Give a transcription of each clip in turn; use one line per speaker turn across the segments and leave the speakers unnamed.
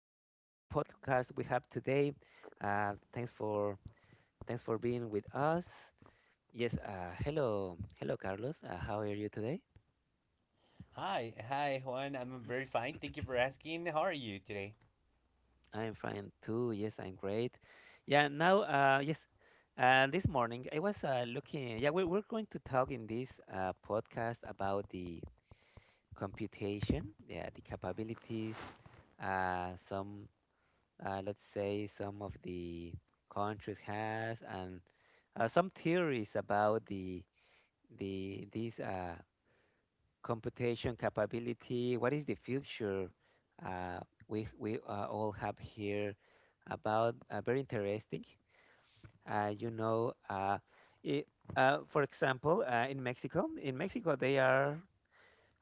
podcast we have today. Thanks for being with us. Yes, hello, hello, Carlos. How are you today?
Hi, hi Juan. I'm very fine. Thank you for asking. How are you today?
I am fine too. Yes, I'm great. Yeah, this morning I was looking. Yeah, we're going to talk in this podcast about the computation, yeah, the capabilities, uh, some, let's say, some of the countries has and some theories about the this computation capability. What is the future, uh, we all have here about very interesting. Uh, you know, uh, it, for example, in Mexico they are,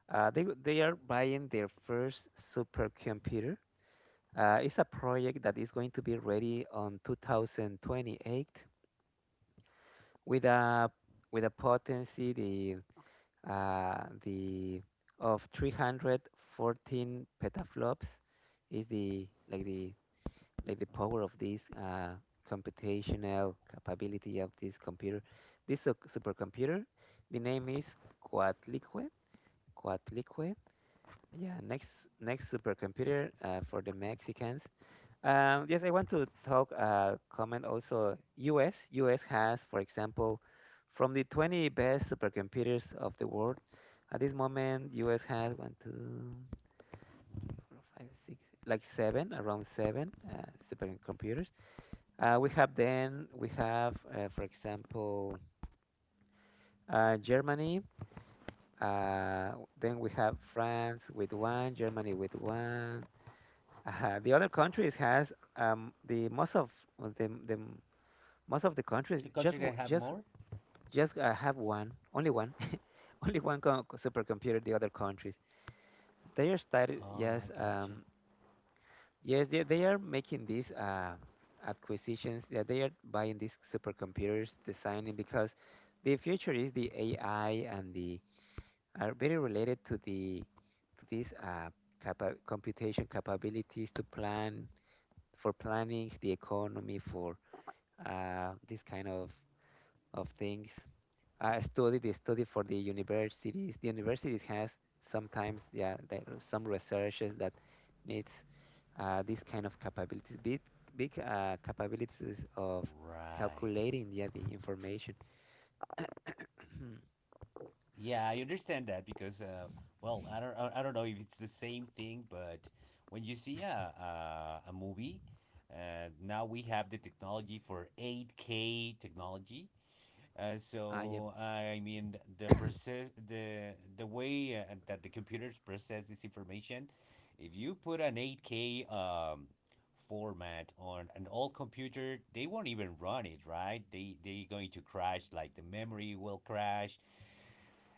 they they are buying their first supercomputer. It's a project that is going to be ready on 2028 with a with a potency the of 314 petaflops. Is the like the like the power of this computational capability of this computer, this supercomputer. The name is Coatlicue. Coatlicue yeah, next, supercomputer for the Mexicans. Yes, I want to talk, comment also US. US has, for example, from the 20 best supercomputers of the world, at this moment, US has one, two, three, four, five, six, like seven, around seven supercomputers. We have, for example, Germany. Uh, then we have France with one, Germany with one. The other countries has, the most of the most of the countries
The country
just
that
wo-
have
just
more?
just have one, only one only one supercomputer. The other countries, they are started.
Oh, I
Yes,
gotcha.
yes, they are making these acquisitions. Yeah, they are buying these supercomputers, designing, because the future is the ai, and the are very related to the to these computation capabilities to plan, for planning the economy, for this kind of things. I studied. They study for the universities. The universities has sometimes, yeah, that some researchers that needs, this kind of capabilities, big capabilities of
Right.
calculating, yeah, the information.
Yeah, I understand that because, well, I don't know if it's the same thing, but when you see a movie, now we have the technology for 8K technology. Uh,
Ah yeah,
so I mean the process, the way that the computers process this information. If you put an 8K format on an old computer, they won't even run it, right? They're going to crash. Like the memory will crash,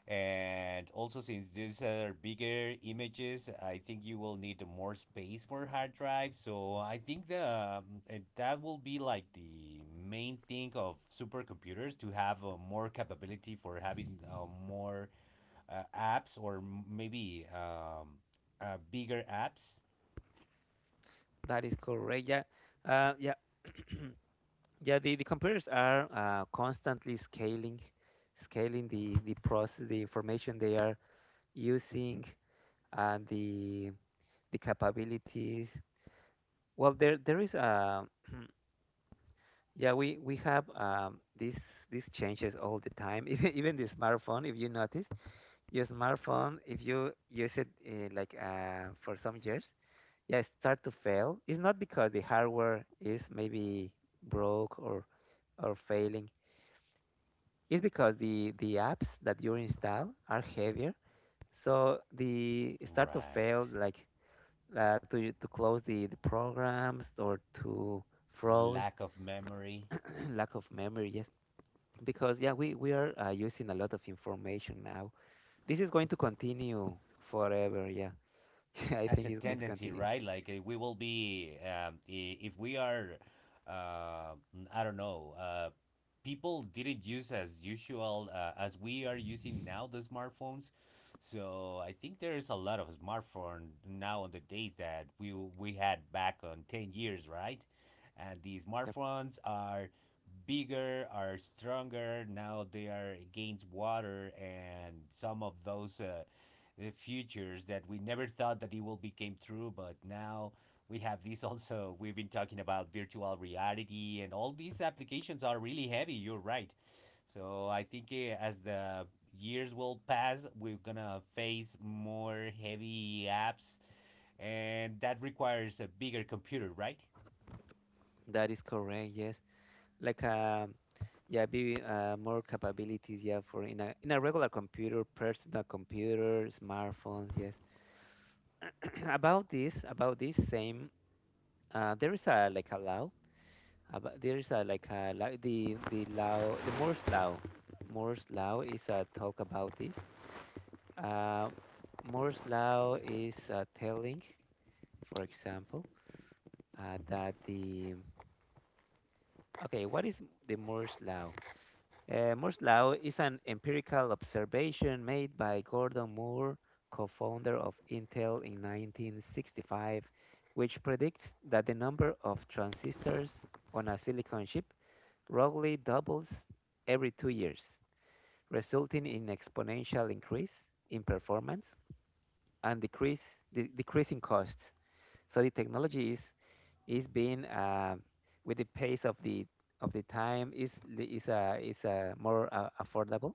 and also, since these are bigger images, I think you will need more space for hard drive. So I think the um, that will be like the main thing of supercomputers, to have more capability for having more apps, or maybe bigger apps.
that is correct. Yeah, yeah. Yeah, the computers are constantly scaling, scaling the process, the information they are
Hmm.
using, and the capabilities. Well, there is a, yeah, we have, this these changes all the time. Even the smartphone, if you notice, your smartphone, if you use it, like for some years, yeah, it start to fail. It's not because the hardware is maybe broke or failing. It's because the apps that you install are heavier, so the it start to
Right.
fail like to close the programs or to froze.
Lack of memory.
Lack of memory, yes, because yeah, we are using a lot of information now. This is going to continue forever, yeah. I
As
think
a
it's going to
tendency,
continue.
right? Like we will be if we are, uh, I don't know, people didn't use as usual as we are using now the smartphones. So I think there is a lot of smartphone now on the date that we had back on 10 years, right? And the
Yep,
smartphones are bigger, are stronger now. They are against water and some of those futures that we never thought that it will become true, but now we have this. Also, we've been talking about virtual reality and all these applications are really heavy, you're right. So I think as the years will pass, we're gonna face more heavy apps, and that requires a bigger computer, right?
that is correct, yes. Like, yeah, be more capabilities, yeah, for in a regular computer, personal computer, smartphones. Yes. About this, about this same, there is a like a law about, there is a like a law, the law, the Moore's law. Moore's law is a talk about this. Uh, Moore's law is telling, for example, that
Mm-hmm.
the okay, what is the Moore's law? Moore's law is an empirical observation made by Gordon Moore, co-founder of Intel in 1965, which predicts that the number of transistors on a silicon chip roughly doubles every 2 years, resulting in exponential increase in performance and decrease, decreasing costs. So the technology is being, with the pace of the time, is is a more affordable,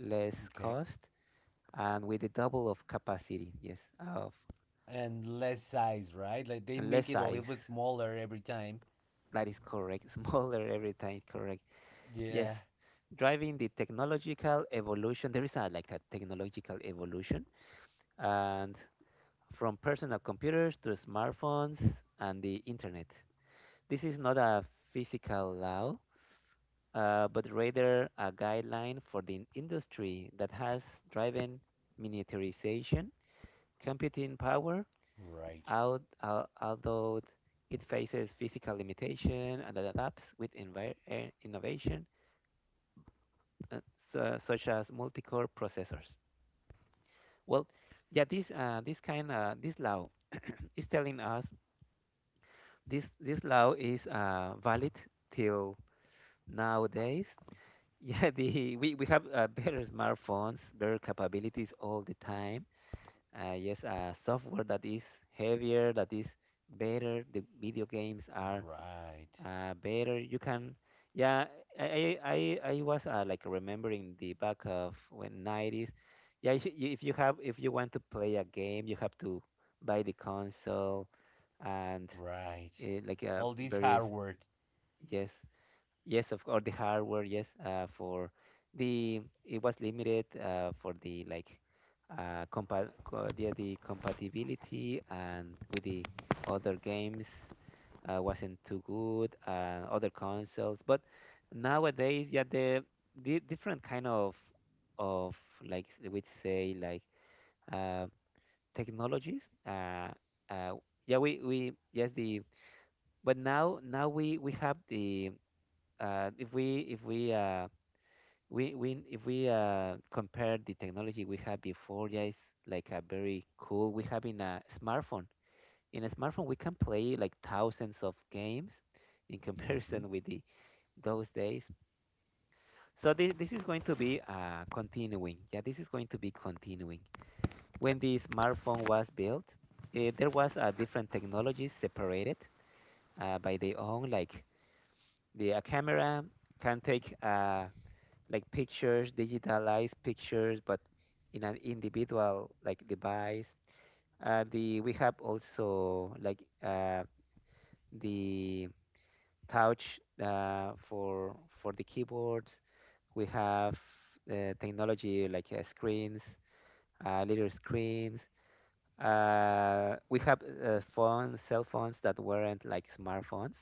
less
Okay.
cost, and with the double of capacity. Yes, of
And less size, right? Like they
and
make
less
it a
size.
little bit smaller every time.
That is correct. Smaller every time. Correct. Yes,
Yeah,
driving the technological evolution. There is a like a technological evolution, and from personal computers to smartphones and the internet. This is not a physical law, but rather a guideline for the industry that has driven miniaturization, computing power,
right,
out, although it faces physical limitation and adapts with innovation, uh, such as multi-core processors. Well, yeah, this this kind this law is telling us this, this law is valid till nowadays. Yeah, the we have better smartphones, better capabilities all the time. Yes, software that is heavier, that is better. The video games are
right,
better. You can, yeah. I was like remembering the back of when 90s. Yeah, if you, if you have if you want to play a game, you have to buy the console and
right. All this
various.
hard work.
Yes. Yes, of course, the hardware, yes, for the it was limited for the like, compa co the compatibility and with the other games, wasn't too good and other consoles. But nowadays, yeah, the different kind of like, we'd say like, uh, technologies. Uh, yeah, we yes the but now we have the, uh, if we if we uh, if we, compare the technology we had before, yeah, it's like a very cool. We have in a smartphone. In a smartphone, we can play like thousands of games in
Hmm.
comparison with the those days. So this is going to be continuing. Yeah, this is going to be continuing. When the smartphone was built, eh, there was different technologies separated, by their own, like the a camera can take. Like pictures, digitalized pictures, but in an individual like device. The we have also like, the touch, for the keyboards. We have, technology like, screens, little screens, we have, phones, cell phones that weren't like smartphones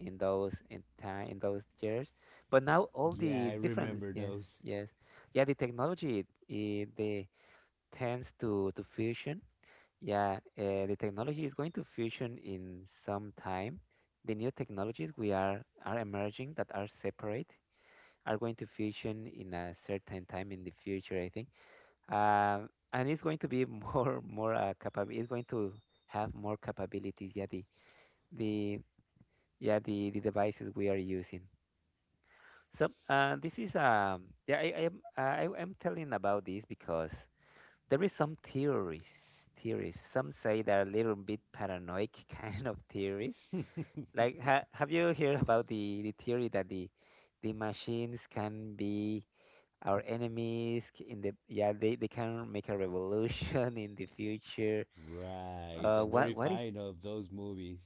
in those in time in those years. But now all
Yeah,
the
I
different,
remember
yes,
those.
yes, yeah, the technology it, they tends to fusion. Yeah, the technology is going to fusion in some time. The new technologies we are emerging that are separate are going to fusion in a certain time in the future, I think. And it's going to be more capable. It's going to have more capabilities. Yeah, the yeah the devices we are using. So this is yeah, I am telling about this because there is some theories, theories. Some say they're a little bit paranoid, kind of theories. Like, have you heard about the theory that the machines can be our enemies, c- in the yeah, they can make a revolution in the future.
Right. I'm
What
very
what is,
fond of those movies.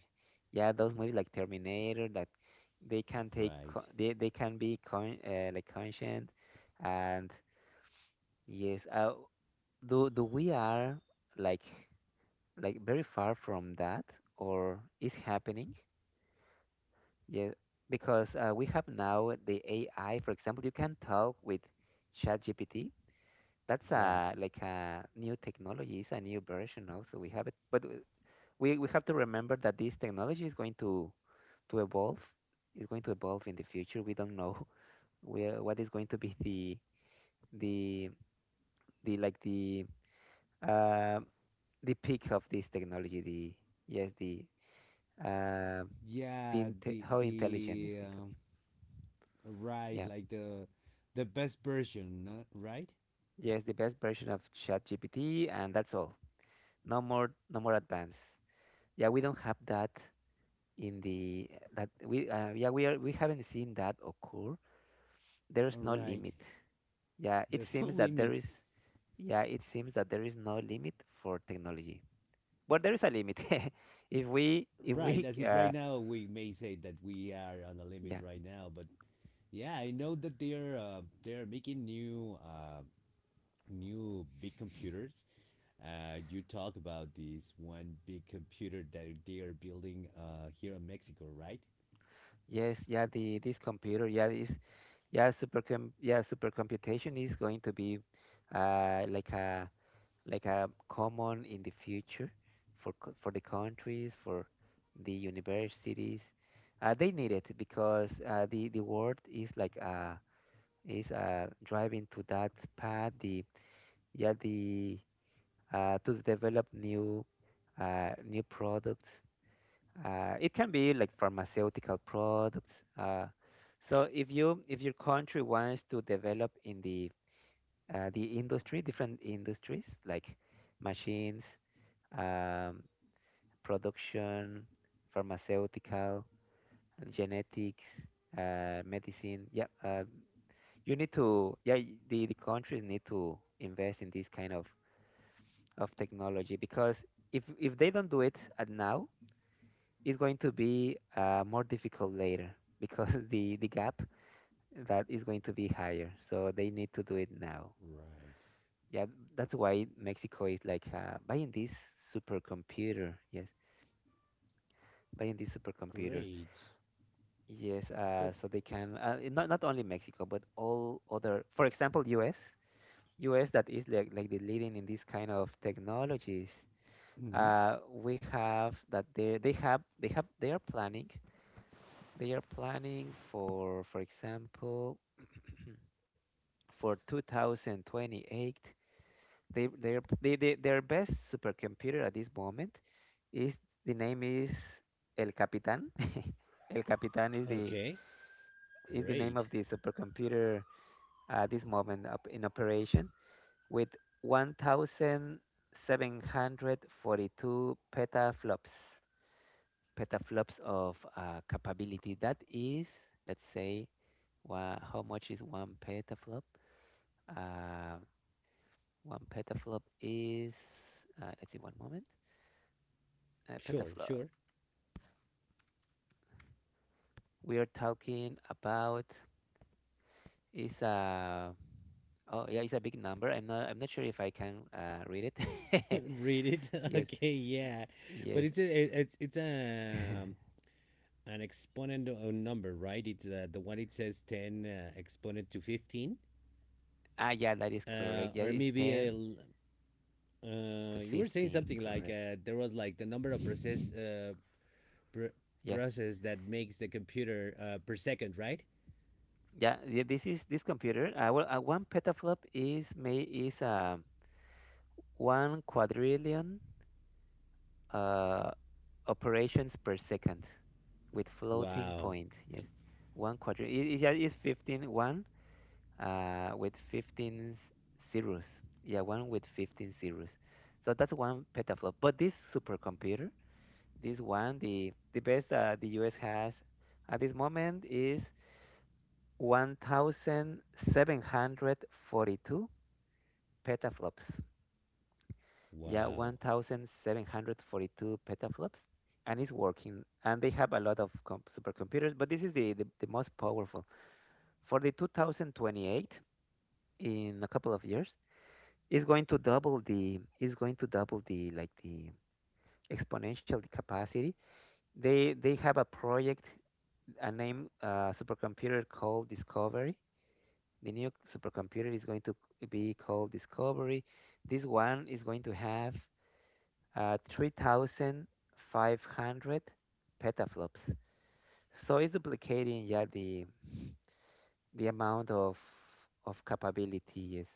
yeah, those movies like Terminator, that they can take
Right.
they can be con like conscient, and yes, do do we are like like very far from that, or is happening, yeah, because we have now the ai, for example. You can talk with ChatGPT. That's
Right.
a like a new technology. It's a new version also. We have it, but uh, we have to remember that this technology is going to evolve. It's going to evolve in the future. We don't know where what is going to be the the like the, uh, the peak of this technology. The yes uh, the
Yeah,
inte
the
How intelligent it's going to be.
right,
Yeah.
like the best version, no? Right?
Yes, the best version of ChatGPT, and that's all. No more advance. Yeah, we don't have that in the that we, yeah, we are we haven't seen that occur.
All
There's no
right.
limit. Yeah, it
There's no
seems that there
limit.
is, yeah, it seems that there is no limit for technology. But there is a limit if we
Right, as it right now, we may say that we are on a limit
yeah,
right now, but yeah, I know that they're making new new big computers. You talk about this one big computer that they are building here in Mexico, right?
yes, yeah, the this computer, yeah, is, yeah, supercom yeah, supercomputation is going to be uh, like a like a common in the future for for the countries, for the universities. They need it because the world is like, is driving to that path. The yeah the, to develop new, new products. It can be like pharmaceutical products. Uh, so if you if your country wants to develop in the, the industry, different industries like machines, um, production, pharmaceutical, genetics, medicine. Yeah, you need to. Yeah, the countries need to invest in this kind of technology, because if they don't do it at now, it's going to be more difficult later, because the gap that is going to be higher. So they need to do it now.
Right.
Yeah, that's why Mexico is like buying this supercomputer. Yes, buying this supercomputer.
Great.
Yes,
But
so they can not only Mexico but all other, for example, U.S. U.S. that is like the leading in this kind of technologies.
hmm.
We have that they are planning for example, for 2028 they are they, their best supercomputer at this moment is, the name is, El Capitan. El Capitan
Okay.
is the name
Great.
of the supercomputer at this moment, up in operation, with 1,742 petaflops. Petaflops of capability. That is, let's say, how much is one petaflop? Uh, One petaflop is, let's see, one moment.
Sure.
Petaflop.
Sure.
We are talking about, is a oh yeah, it's a big number. I'm not sure if I can read it.
Read it.
Yes,
Okay. Yeah. But
yes.
it's a, it's a an exponent of a number, right? It's the one, it says 10 exponent to 15.
Ah, yeah, that is correct. Yeah,
Or
it's
maybe a
10 to
you were saying
15,
something like
correct.
there was like the number of process, pr-
Yes.
process that makes the computer per second, right?
Yeah, yeah, this is this computer. One petaflop is 1 quadrillion uh operations per second with floating
Wow,
point. Yes, 1 quadrillion. Yeah, it's fifteen one with 15 zeros. Yeah, one with 15 zeros. So that's one petaflop. But this supercomputer, this one, the best that the US has at this moment, is 1,742 petaflops. Yeah,
wow.
1,742 petaflops, and it's working. And they have a lot of supercomputers, but this is the most powerful. For the 2028, in a couple of years, it's going to double, the is going to double the like the exponential capacity. They have a project, a name, supercomputer called Discovery. The new supercomputer is going to be called Discovery. This one is going to have 3,500 petaflops. So it's duplicating, yeah, the amount of capability. Yes.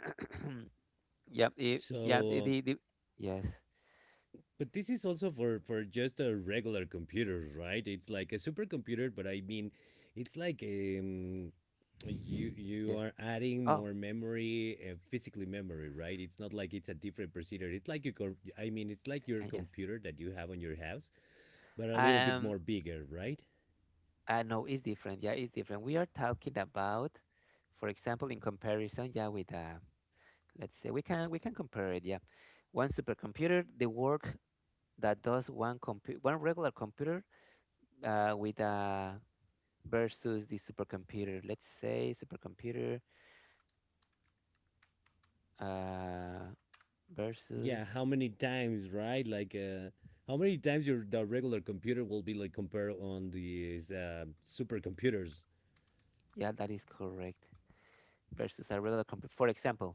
Yeah. It, yeah.
So,
The, yes.
but this is also for just a regular computer, right? It's like a supercomputer, but I mean, it's like a, you you
Yes.
are
Oh.
adding more memory, physically memory, right? It's not like it's a different procedure. It's like you it's like your
Yes.
computer that you have on your house, but a little bit
Um.
more bigger, right?
No, it's different. Yeah, it's different. We are talking about, for example, in comparison, yeah, with, let's say, we can compare it. Yeah, one supercomputer, the work that does one, compu one regular computer, with versus the supercomputer. Let's say supercomputer, uh, versus,
Yeah, how many times, right? Like how many times your the regular computer will be like compared on these supercomputers.
yeah, that is correct. Versus a regular computer. For example,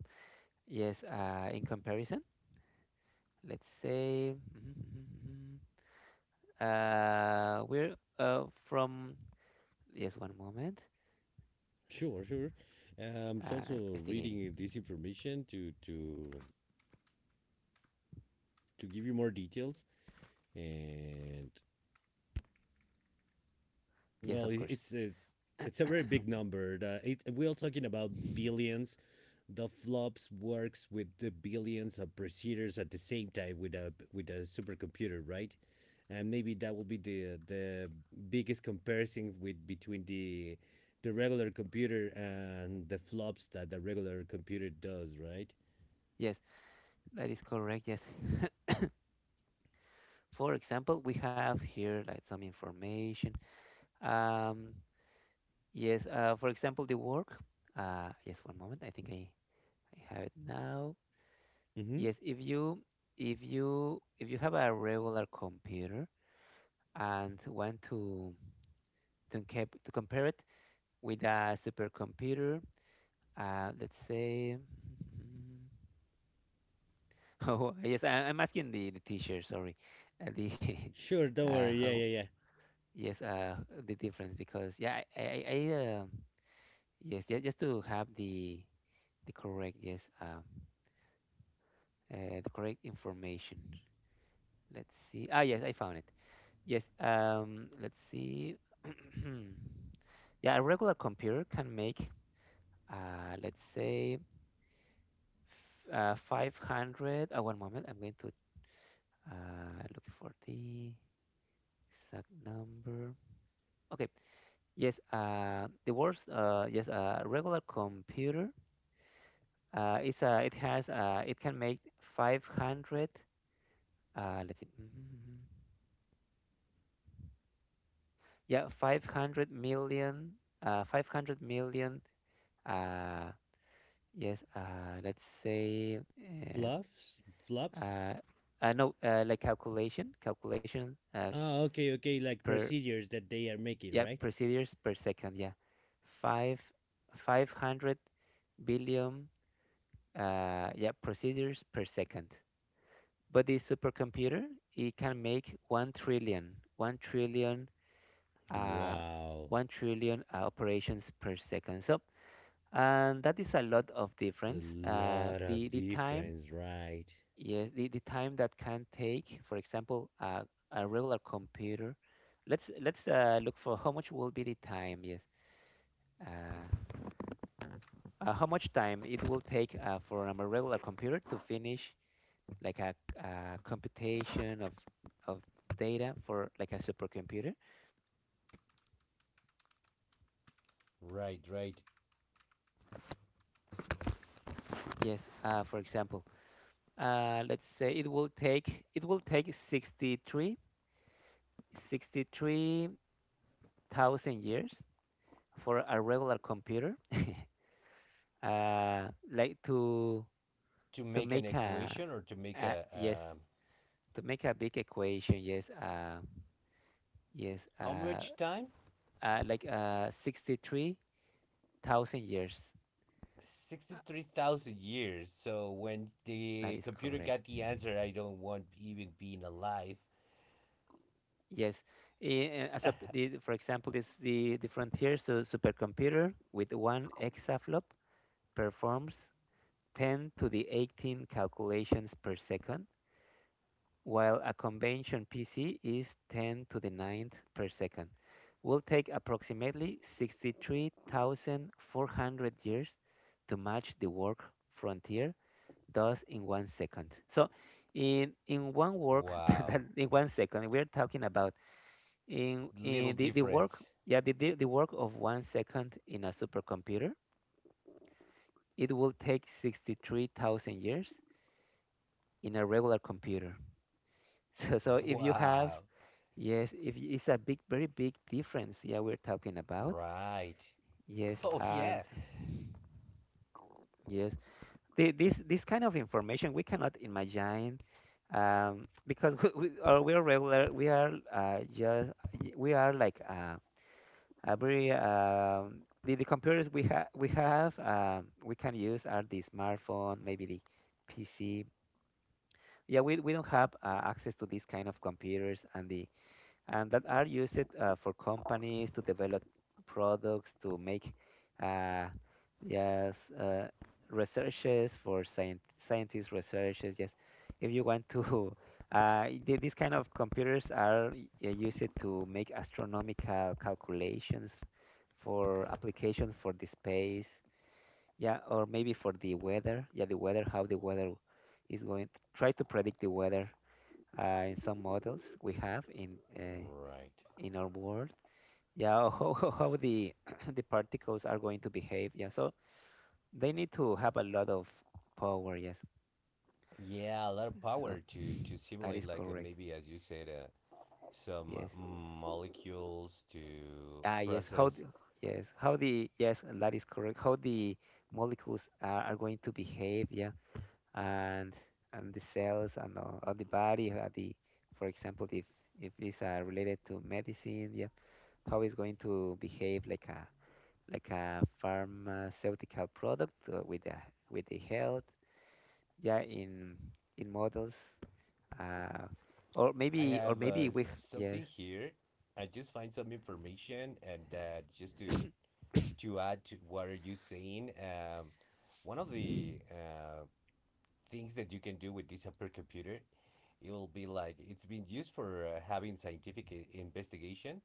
yes, in comparison, let's say. We're, from, yes, one moment.
Sure, sure. It's
I'm
also
investigating.
reading this information to to give you more details, and,
Yes,
well,
of course.
it's it's a very big number. We are talking about billions. The flops works with the billions of procedures at the same time with a, with a supercomputer, right? And maybe that will be the biggest comparison with between the regular computer and the flops that the regular computer does, right?
Yes, that is correct. Yes. For example, we have here like some information. Um, yes, for example, the work. Yes, one moment. I think, I have it now.
Mm-hmm.
Yes, if you have a regular computer and want to, to compare it with a supercomputer. Let's say. Oh, yes, I'm asking the teacher, sorry. The
Sure, don't worry. Yeah,
how,
yeah, yeah.
yes, the difference, because, yeah, I, yes, yeah, just to have the correct, yes, the correct information. Let's see. Ah, yes, I found it. Yes, let's see. Yeah, a regular computer can make, uh, let's say 500. One moment, I'm going to, Uh, looking for the exact number. Okay. Yes. The words. Yes. A regular computer. It's a. It has. It can make 500. Let's see. Mm. Yeah, 500 million. 500 million. Uh, yes. Let's say.
Bluffs? Flops?
Uh, no. Like calculation. Calculation.
Ah, okay, okay, like
Per.
procedures that they are making,
Yeah,
right?
procedures per second. Yeah, five. 500 billion, yeah, procedures per second. But the supercomputer, it can make 1 trillion, 1 trillion, uh,
Wow.
1 trillion, operations per second. So, and that is a lot of
It's a
difference.
lot
The,
of
the time,
difference, right?
yes, the time that can take, for example, a regular computer. Let's, look for how much will be the time. Yes, uh, how much time it will take, for a regular computer to finish, like, a computation of data for like a supercomputer.
Right, right.
Yes. For example, let's say, it will take sixty three thousand years, for a regular computer like to,
To make an
make
equation, or to make
a, yes,
a
to make a big equation, yes, yes
how
uh,
much time?
like, 63,000 years. Uh,
63,000 years. So when
that
the
is
computer
correct.
got the answer, I don't want even being alive.
Yes. Eh, as a, the, for example, this, the frontier so supercomputer with 1 exaflop performs 10 to the 18 calculations per second, while a convention PC is 10 to the ninth per second. Will take approximately 63,400 years to match the work frontier does in 1 second. So, in one work, that
Wow,
in 1 second, we are talking about,
little
in the work,
difference.
yeah, the work of 1 second in a supercomputer, it will take 63,000 years in a regular computer. So if you have,
Wow,
yes, if y- it's a big, very big difference, yeah, we're talking about,
right.
yes.
Oh yeah,
And, yes, the, this kind of information we cannot imagine, because we are regular, we are, just, we are like, every, the computers we have, we can use, are the smartphone, maybe the pc. Yeah, we don't have access to these kind of computers, and the and that are used for companies to develop products, to make, uh, yes uh, researches for scientists researches, yes. If you want to these kind of computers are, used to make astronomical calculations for applications for the space. Yeah, or maybe for the weather, yeah, the weather, how the weather is going to, try to predict the weather, in some models we have, in,
right.
in our world. Yeah, how the the particles are going to behave. Yeah, so they need to have a lot of power. Yes,
Yeah, a lot of power
so
to
that
simulate
is
like,
correct.
maybe as you said, some
Yes.
molecules to
Ah, yes. How?
process.
The, yes. How the? Yes, that is correct. How the molecules are going to behave? Yeah, and and the cells and all, of the body. For example, if these are related to medicine, yeah, how it's going to behave, like a pharmaceutical product, with the health, yeah, in models, uh
I
or
have
maybe we, yes.
something here. I just find some information and just to add to what are you saying. One of the things that you can do with this supercomputer, it will be like it's been used for having scientific investigation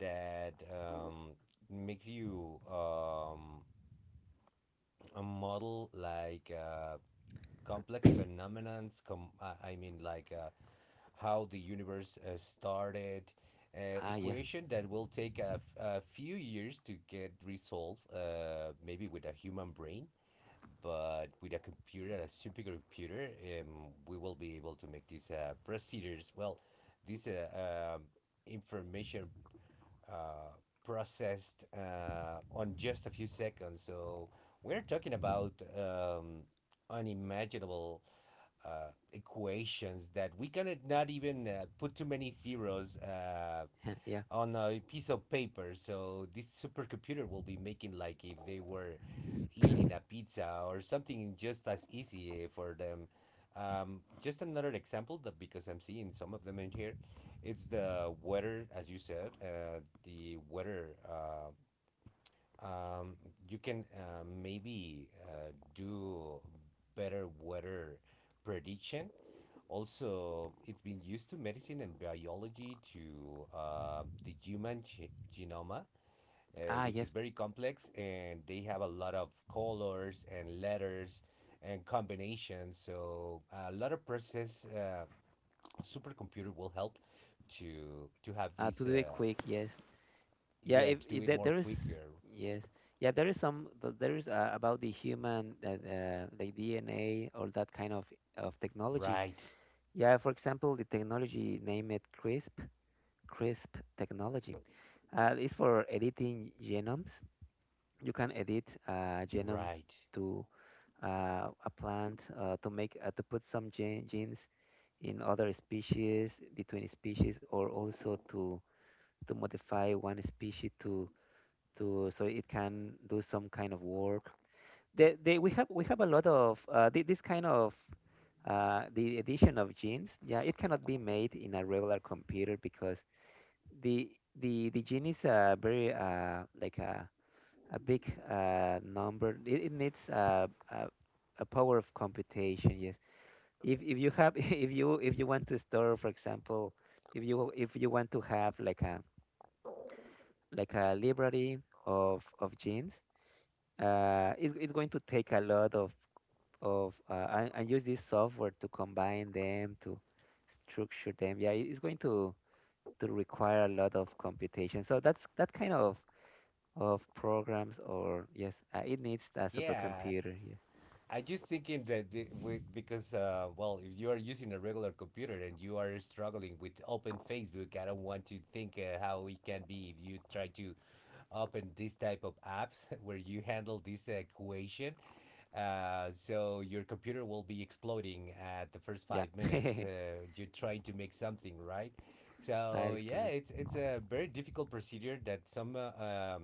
that makes you a model like. Complex phenomenons like how the universe started,
Ah, yeah.
equation that will take a, a few years to get resolved, maybe with a human brain, but with a computer, a supercomputer, we will be able to make these procedures. Well, this information uh, processed on just a few seconds. So we're talking about unimaginable equations that we cannot not even put too many zeros
Yeah.
on a piece of paper. So this supercomputer will be making like if they were eating a pizza or something, just as easy for them. Just another example, that because I'm seeing some of them in here, it's the weather, as you said, the weather, um, you can, maybe do better weather prediction. Also, it's been used to medicine and biology to the human genome,
Ah,
which is
yes.
very complex, and they have a lot of colors and letters and combinations. So a lot of process, supercomputer will help to have
To
this.
do it quick, yes. Yeah,
Yeah, to do
if
it more
there is.
quicker.
Yes. Yeah, there is some, there is about the human, that the dna, or that kind of technology.
Right,
Yeah, for example, the technology name it crisp, crisp technology. It's for editing genomes. You can edit genome
right.
to, a plant, to make, to put some genes in other species, between species, or also to, modify one species to, so it can do some kind of work. We have a lot of, this kind of, the addition of genes, yeah, it cannot be made in a regular computer because the, the gene is, very, like a big, number. It needs a, a power of computation. Yes. If you have if you want to store, for example, if you want to have like a library of genes. It, it's going to take a lot of, and use this software to combine them, to structure them. Yeah, it's going to, require a lot of computation. So that's that kind of, programs, or, yes, it needs a
Yeah,
supercomputer. Yes.
I just thinking that the, we, because well, if you are using a regular computer and you are struggling with open Facebook, I don't want to think how it can be if you try to open this type of apps where you handle this equation. So your computer will be exploding at the first
Yeah,
five minutes.
that
You're trying to make something, right. So
is
yeah,
correct.
it's a very difficult procedure that some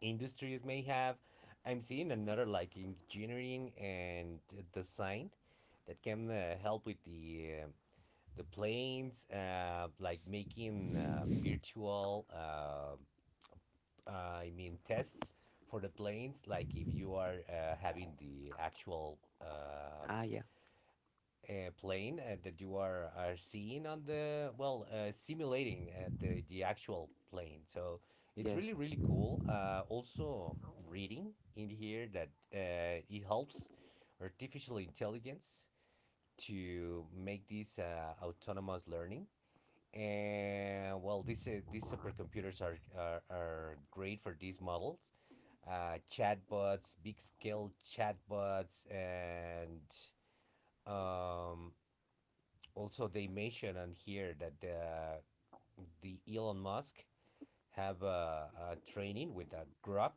industries may have. I'm seeing another, like engineering and design that can help with the planes, like making virtual, I mean, tests for the planes, like if you are having the actual
Ah, yeah,
plane that you are seeing on the, well, simulating the actual plane. So it's
yes.
really, really cool. Also reading in here that it helps artificial intelligence to make this autonomous learning. And well, these supercomputers are great for these models, chatbots, big scale chatbots, and um, also they mention on here that the Elon Musk have a training with a Grok.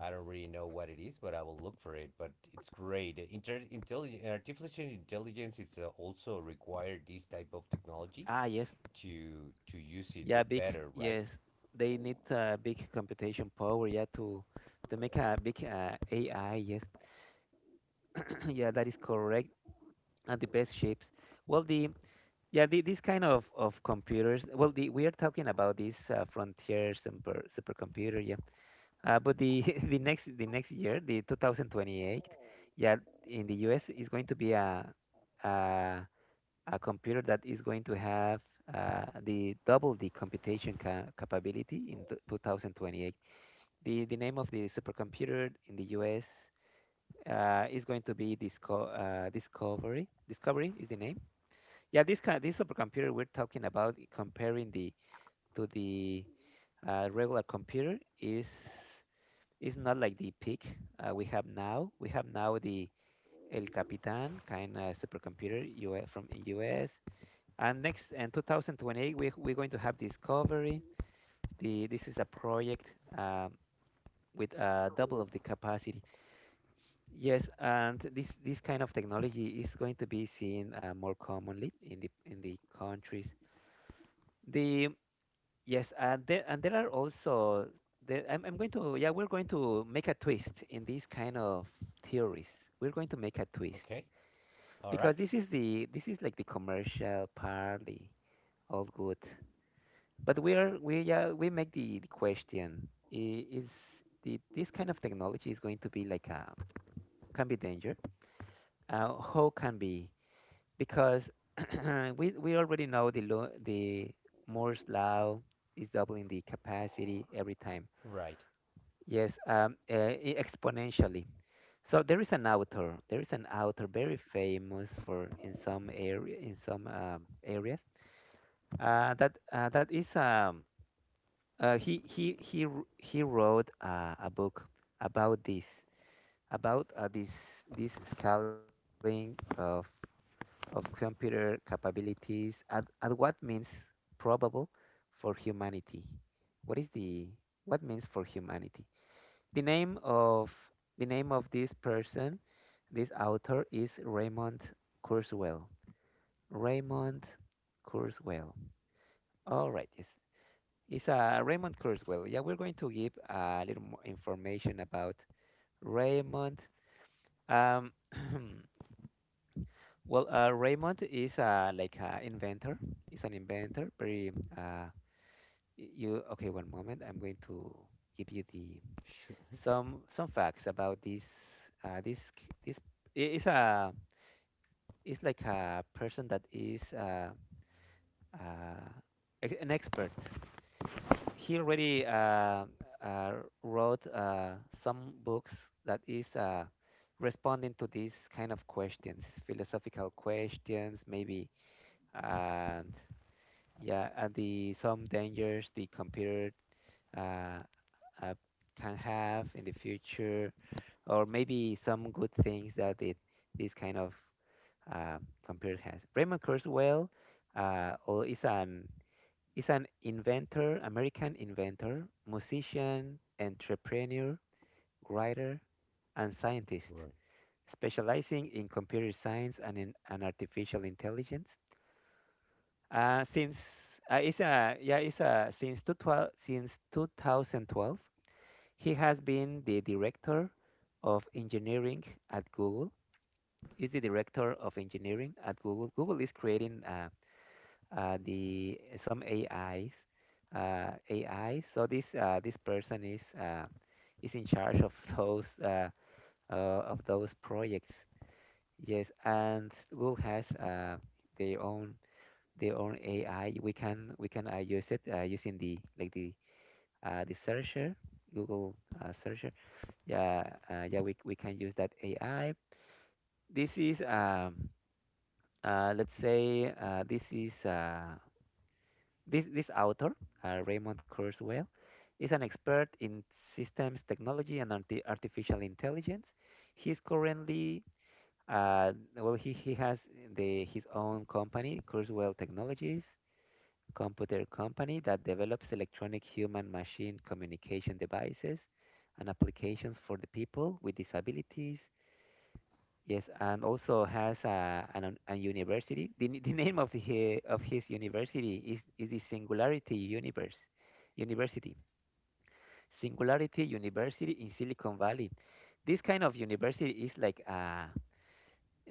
I don't really know what it is, but I will look for it. But it's great. Artificial intelligence, it's also required this type of technology
Ah, yes.
to use it
Yeah, big.
better, right?
Yes, they need, big computation power. Yeah, to, make a big, AI. Yes, yeah, that is correct. And the best chips. Well, the, yeah, this kind of computers. Well, the we are talking about this, frontier, super supercomputer. Yeah, but the the next year, the 2028. Yeah, in the U.S. is going to be a. a. a computer that is going to have, the double the computation, capability in, 2028. The name of the supercomputer in the US, is going to be, Discovery. Discovery is the name. Yeah, this kind, this supercomputer we're talking about, comparing the, to the, regular computer, is, not like the peak, we have now. We have now the El Capitan kind of supercomputer, US, from US, and next, in 2028, we, we're going to have Discovery. This is a project, um, with, double of the capacity. Yes, and this kind of technology is going to be seen, more commonly in the, countries. The yes, and there are also there, I'm going to yeah we're going to make a twist in these kind of theories. We're going to make a twist
Okay. All
because
right.
this is like the commercial part, the all good. But we are we yeah we make the question: this kind of technology is going to be like a, can be danger. How can be, because we already know the lo the Moore's law is doubling the capacity every time.
Right.
Yes, exponentially. So there is an author. There is an author very famous for in some area, in some areas. That that is he wr- he wrote a book about this, about this, this scaling of computer capabilities, and what means probable for humanity. What is the what means for humanity? The name of the name of this person, this author is Raymond Kurzweil. Raymond Kurzweil. All right, yes. It's Raymond Kurzweil. Yeah, we're going to give a little more information about Raymond. Um, well, Raymond is like an inventor. He's an inventor. Very uh, you okay? One moment. I'm going to give you the
Sure.
some facts about this. This i- is a is like a person that is uh, an expert. He already uh, wrote some books, that is responding to these kind of questions, philosophical questions, maybe, and yeah, and the some dangers the computer uh, uh, can have in the future, or maybe some good things that it this kind of uh, computer has. Raymond Kurzweil is an, is an inventor, American inventor, musician, entrepreneur, writer, and scientist,
Right.
specializing in computer science and artificial intelligence. Since it's a, yeah, it's a, since, two twelve, since 2012, he has been the director of engineering at Google. Is the director of engineering at Google. Google is creating a some AIs, AI. So this person is in charge of those of those projects. Yes, and Google has their own their own AI. We can use it using the like the searcher, Google searcher. Yeah, yeah, we can use that AI. This is let's say this is This, this author, Raymond Kurzweil, is an expert in systems technology and artificial intelligence. He is currently, he has his own company, Kurzweil Technologies, computer company that develops electronic human machine communication devices and applications for the people with disabilities. Yes, and also has a university. The name of his university is the Singularity Universe University. Singularity University in Silicon Valley. This kind of university is like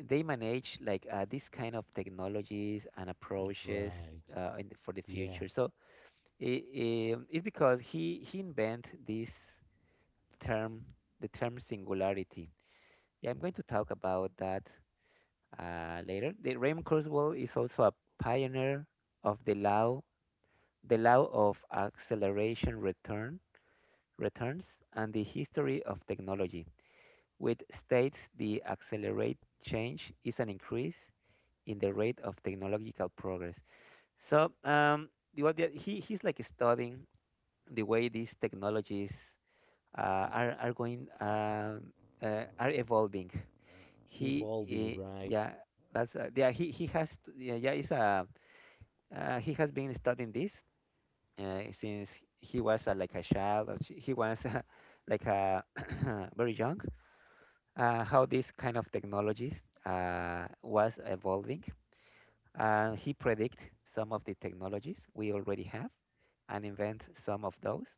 they manage like this kind of technologies and approaches
Right.
in, for the future.
Yes.
So it's because he invent this term, the term singularity. Yeah, I'm going to talk about that later. The Raymond Kurzweil is also a pioneer of the law of acceleration returns, and the history of technology, which states the accelerate change is an increase in the rate of technological progress. So, he he's like studying the way these technologies are going are evolving. He
Evolving, right.
yeah that's yeah he has t- yeah yeah is a he has been studying this since he was like a child, or he was like a very young. How this kind of technologies was evolving, and he predict some of the technologies we already have, and invent some of those.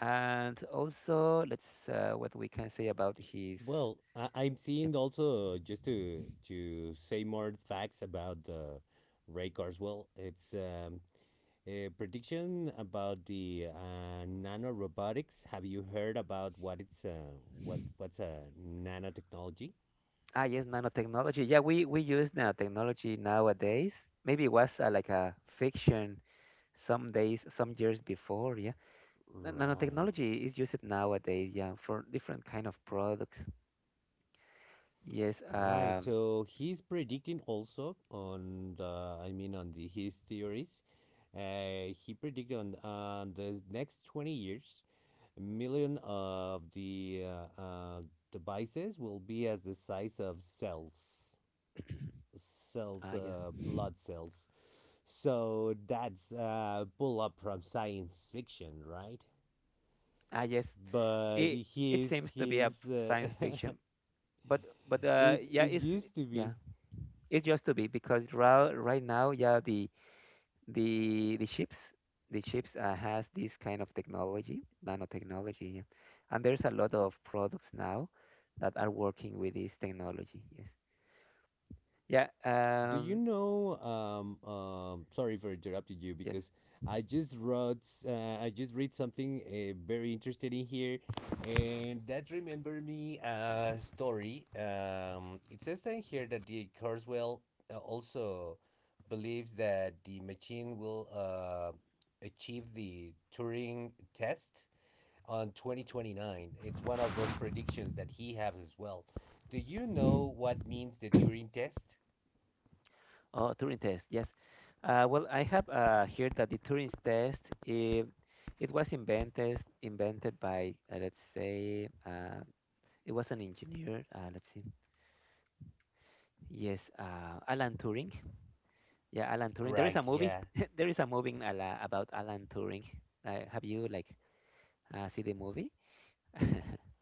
And also, let's what we can say about his.
Well, I- I'm
Yep.
seeing also, just to say more facts about Ray Kurzweil. It's a prediction about the nanorobotics. Have you heard about what it's what what's a nanotechnology?
Ah, yes, nanotechnology. Yeah, we use nanotechnology nowadays. Maybe it was like a fiction some days, some years before, yeah.
Right.
Nanotechnology is used nowadays, yeah, for different kind of products. Yes,
Right. So he's predicting also on the, I mean, on the his theories. He predicted on the next 20 years a million of the devices will be as the size of cells, cells,
ah, yes,
blood cells. So that's pull up from science fiction, right?
ah, yes.
But
It it seems to be a
he's
science fiction, but
it
yeah,
it
it's
used to be.
yeah, it used to be because right now, yeah, the the ships, the ships has this kind of technology, nanotechnology, yeah. And there's a lot of products now that are working with this technology. Yes, yeah,
Do you
um,
know? Sorry for interrupting you,
yes.
because I just wrote, I just read something very interesting in here, and that remembered me a story. It says in here that the Kurzweil also believes that the machine will achieve the Turing test on 2029. It's one of those predictions that he has as well. Do you know what means the Turing test?
Oh, Turing test, yes. Well, I have heard that the Turing test it, it was invented by let's say it was an engineer. Let's see, yes, Alan Turing. Yeah, Alan Turing. There is a
Right,
movie.
yeah.
there is a movie in about Alan Turing. Have you like see the movie?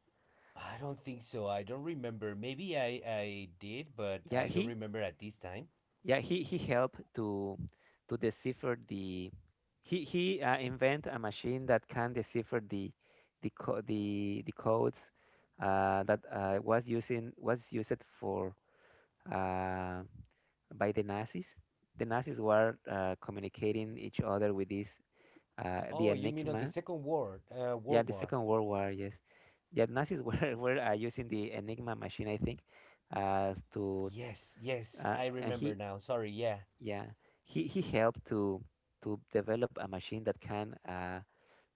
I don't think so. I don't remember. Maybe I did, but
Yeah,
I don't
he
remember at this time.
Yeah, he helped to decipher the. He Invent a machine that can decipher the co the codes that was used for uh, by the Nazis. The Nazis were communicating each other with this the
Oh, you mean on the
Enigma.
Second War,
Yeah,
World
the
War?
Second World War. Yes, yeah, Nazis were were using the Enigma machine, I think, to
Yes, yes, I
and
remember
he
now. Sorry, yeah.
Yeah, he helped to develop a machine that can uh,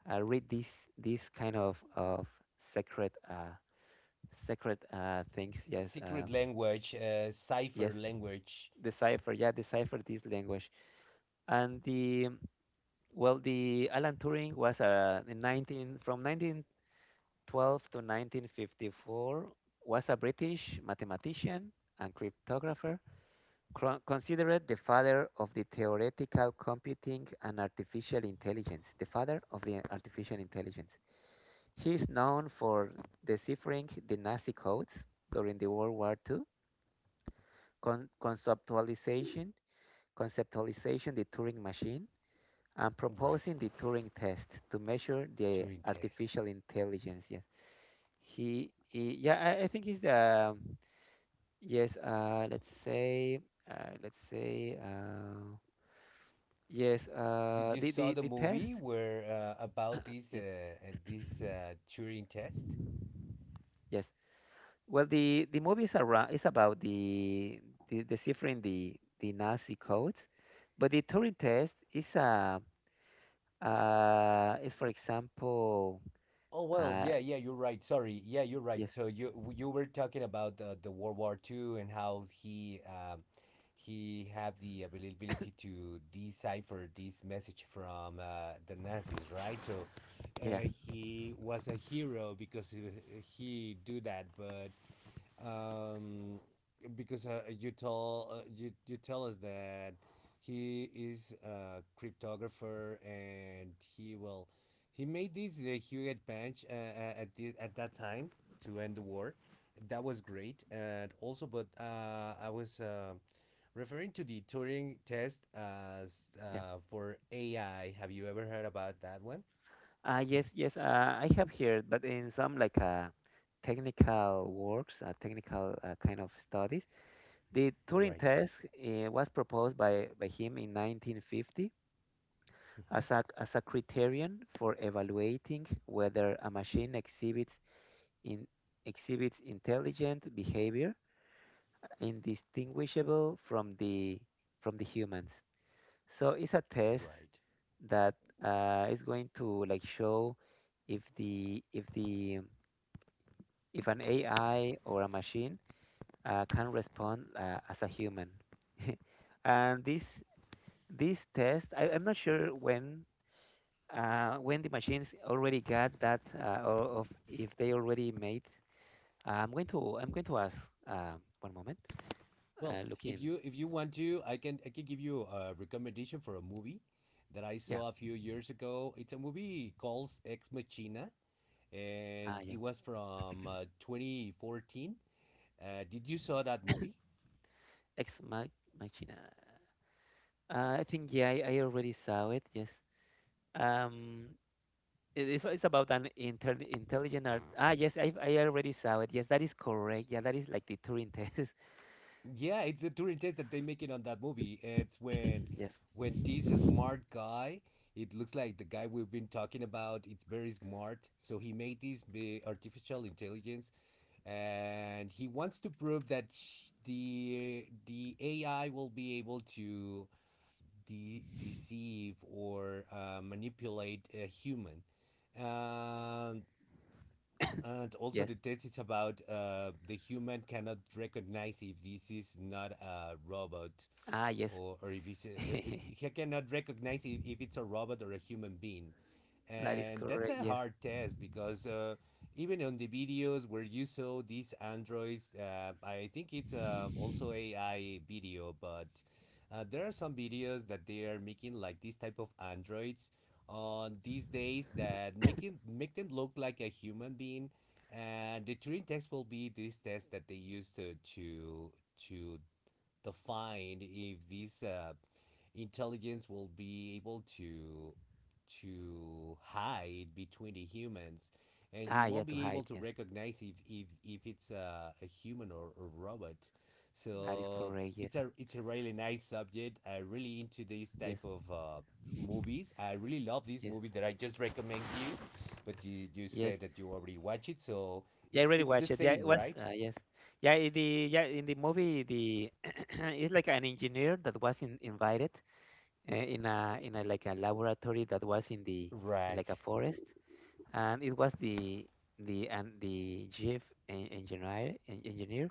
uh, read these kind of secret secret things. Yes,
Secret language,
yes,
cipher language.
decipher. Yeah, decipher this language. And the well, the Alan Turing was uh, in 19 from 1912 to 1954, was a British mathematician and cryptographer. Considered the father of the theoretical computing and artificial intelligence, the father of the artificial intelligence. He is known for deciphering the Nazi codes during the World War II, con- conceptualization, conceptualization the Turing machine, and
Right.
proposing the Turing test to measure the
Turing test.
artificial intelligence. Yes, he, he yeah, I think he's the yes. Let's say, uh, let's say. Yes,
Did you saw the
the test.
movie where about this
Yep.
this Turing test?
Yes. Well, the movie is around is about the deciphering the Nazi codes, but the Turing test is for example
Oh well,
uh
yeah, yeah, you're right. Sorry, yeah, you're right.
yes
So you were talking about the World War Two and how he, he had the availability to decipher this message from the Nazis, right? So
yeah
he was a hero because he do that, but um, because you tell you you tell us that he is a cryptographer, and he will, he made this the Hewlett Bench at the, at that time to end the war. That was great, and also, but I was referring to the Turing test as
yeah
uh, for AI. Have you ever heard about that one?
yes, I have heard, but in some like technical works, technical kind of studies, the Turing
Right.
test was proposed by him in 1950, a,
Mhm.
a criterion for evaluating whether a machine in exhibits intelligent behavior indistinguishable from the humans. So it's a test
Right.
that is going to like show if the if the if an AI or a machine can respond as a human. And this test, I'm not sure when the machines already got that, or of if they already made, I'm going to ask uh, one moment.
Well,
Looking,
if you want to, I can give you a recommendation for a movie that I
yeah,
saw a few years ago. It's a movie called Ex Machina,
ah,
and
yeah,
it was from 2014. Did you saw that movie?
ex Mach- machina. I think yeah, I already saw it. Yes. Um, it's about an inter intelligent art. Ah, yes, I already saw it. Yes, that is correct. Yeah, that is like the Turing test.
Yeah, it's the Turing test that they make it on that movie. It's when
Yes,
this smart guy, it looks like the guy we've been talking about. It's very smart. So he made artificial intelligence, and he wants to prove that the AI will be able to deceive or manipulate a human. Um, and also,
yes.
the test is about the human cannot recognize if this is not a robot
Ah, yes.
or if he cannot recognize if it's a robot or a human being.
That is
And that's
correct.
a
Yes.
hard test because even on the videos where you saw these androids, I think it's also AI video. But there are some videos that they are making like this type of androids on these days that make, it, make them look like a human being. And the Turing test will be this test that they used to to define if these intelligence will be able to hide between the humans, and you
Ah, yeah,
won't
to
be able
hide.
to
Yes,
recognize if it's a human or a robot.
that is
So
correct. Yes,
it's a really nice subject. I really into this type
yes.
of movies. I really love this
Yes,
movie that I just recommend you, but you
yes.
said that you already watch it. So
Yeah, I
it's
already
it's the
watched it. Yeah,
same,
it was
right?
yes. Yeah, in the movie the it's like an engineer that was invited in a like a laboratory that was in the in like
Right.
a forest, and it was the and the chief engineer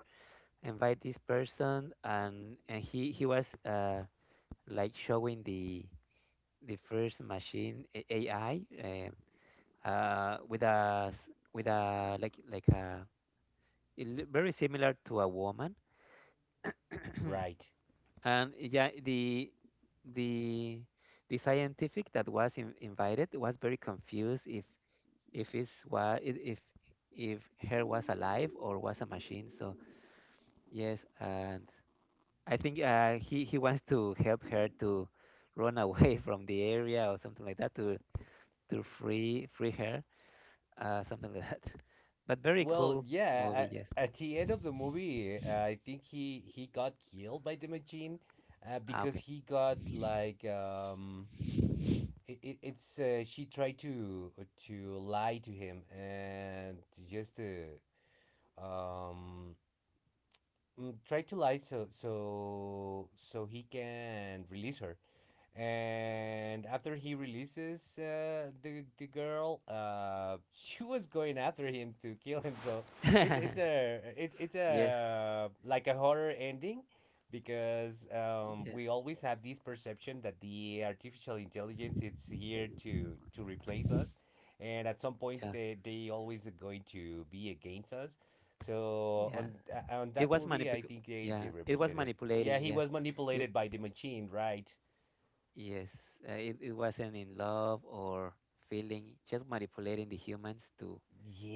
invite this person, and he was like showing the first machine AI, with a like a, very similar to a woman.
Right.
And yeah, the the the scientific that was invited was very confused if it's wa- I if her was alive or was a machine. So yes, and I think he wants to help her to run away from the area or something like that, to free her, something like that. But very
Well,
cool
yeah,
movie. Yes,
at the end of the movie, I think he got killed by the machine
ah,
because
okay.
he got like it, it, it's she tried to lie to him and just um try to lie so so he can release her. And after he releases the girl, she was going after him to kill him. So it's
Yes,
a like a horror ending because
yes.
we always have this perception that the artificial intelligence it's here to replace us, and at some points
Yeah.
they always are going to be against us. So
Yeah,
on
it
that
was
movie,
manip.
I think they
Yeah, it was
represented. Yeah,
manipulating.
he
Yeah.
was
You-
manipulated by the machine, right?
yes, it it wasn't in love or feeling, just manipulating the humans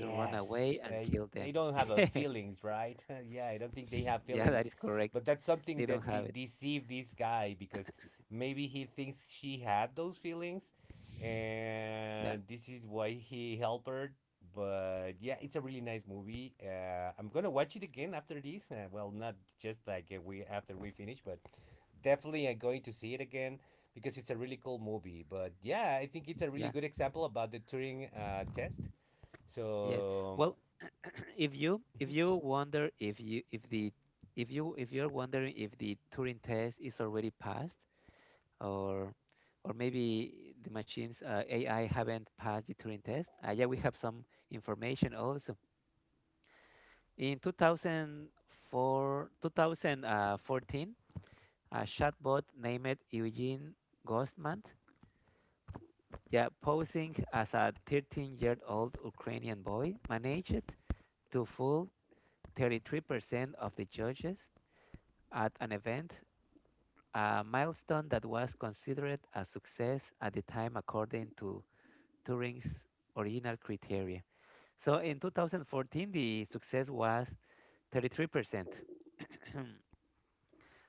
to run away and kill them.
they don't have a feelings, right? Yeah, I don't think they have
Yeah, that
feelings,
is correct.
but that's something
They don't
that
have it.
deceived this guy because maybe he thinks she had those feelings,
Yeah,
and this is why he helped her. But yeah, it's a really nice movie. I'm gonna watch it again after this. Well, not just like we after we finish, but definitely I'm going to see it again because it's a really cool movie. But yeah, I think it's a really
yeah,
good example about the Turing test,
yes.
so,
Well, if
mhm.
you wonder if you if the if you if you're wondering if the Turing test is already passed, or or maybe the machines AI haven't passed the Turing test. Yeah, we have some information also. In 2004, 2014, a chatbot named Eugene Gostman, yeah, posing as a 13-year-old Ukrainian boy, managed to fool 33% of the judges at an event, a milestone that was considered a success at the time, according to Turing's original criteria. So in 2014, the success was 33%.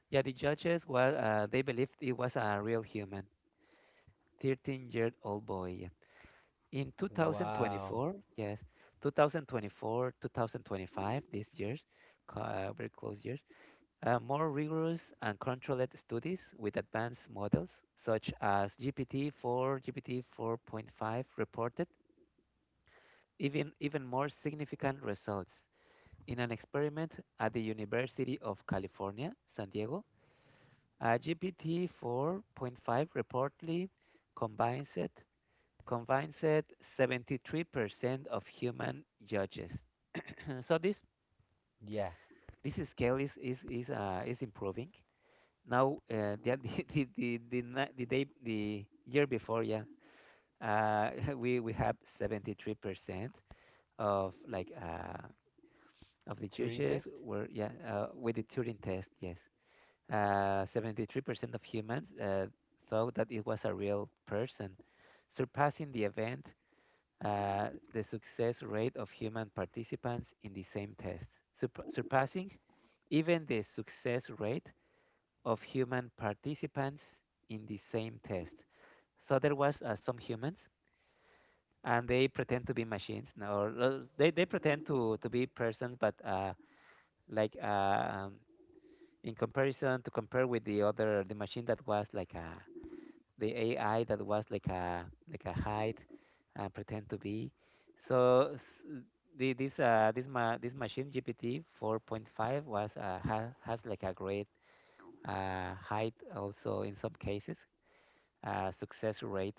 Yeah, the judges was, they believed it was a real human, 13-year-old boy. Yeah. In
Wow.
2024, yes, 2024, 2025, these years, very close years, more rigorous and controlled studies with advanced models such as GPT-4, GPT-4.5 reported even more significant results. In an experiment at the University of California, San Diego, a GPT 4.5 reportedly combines it, combines it 73% of human judges. So this
Yeah.
this scale is improving. Now, the, the, na- the day the year before, yeah, uh, we have 73% of, like, of the
Turing
judges
test?
were, yeah, with the Turing test, yes. 73% of humans thought that it was a real person, surpassing the event, the success rate of human participants in the same test. Surpassing even the success rate of human participants in the same test. So there was, some humans, and they pretend to be machines, no, or they pretend to be persons, but like uh, um, in comparison to compare with the other, the machine that was like a, the AI that was like a hide, pretend to be. So this this machine GPT 4.5 was, has like a great, height also in some cases, success rate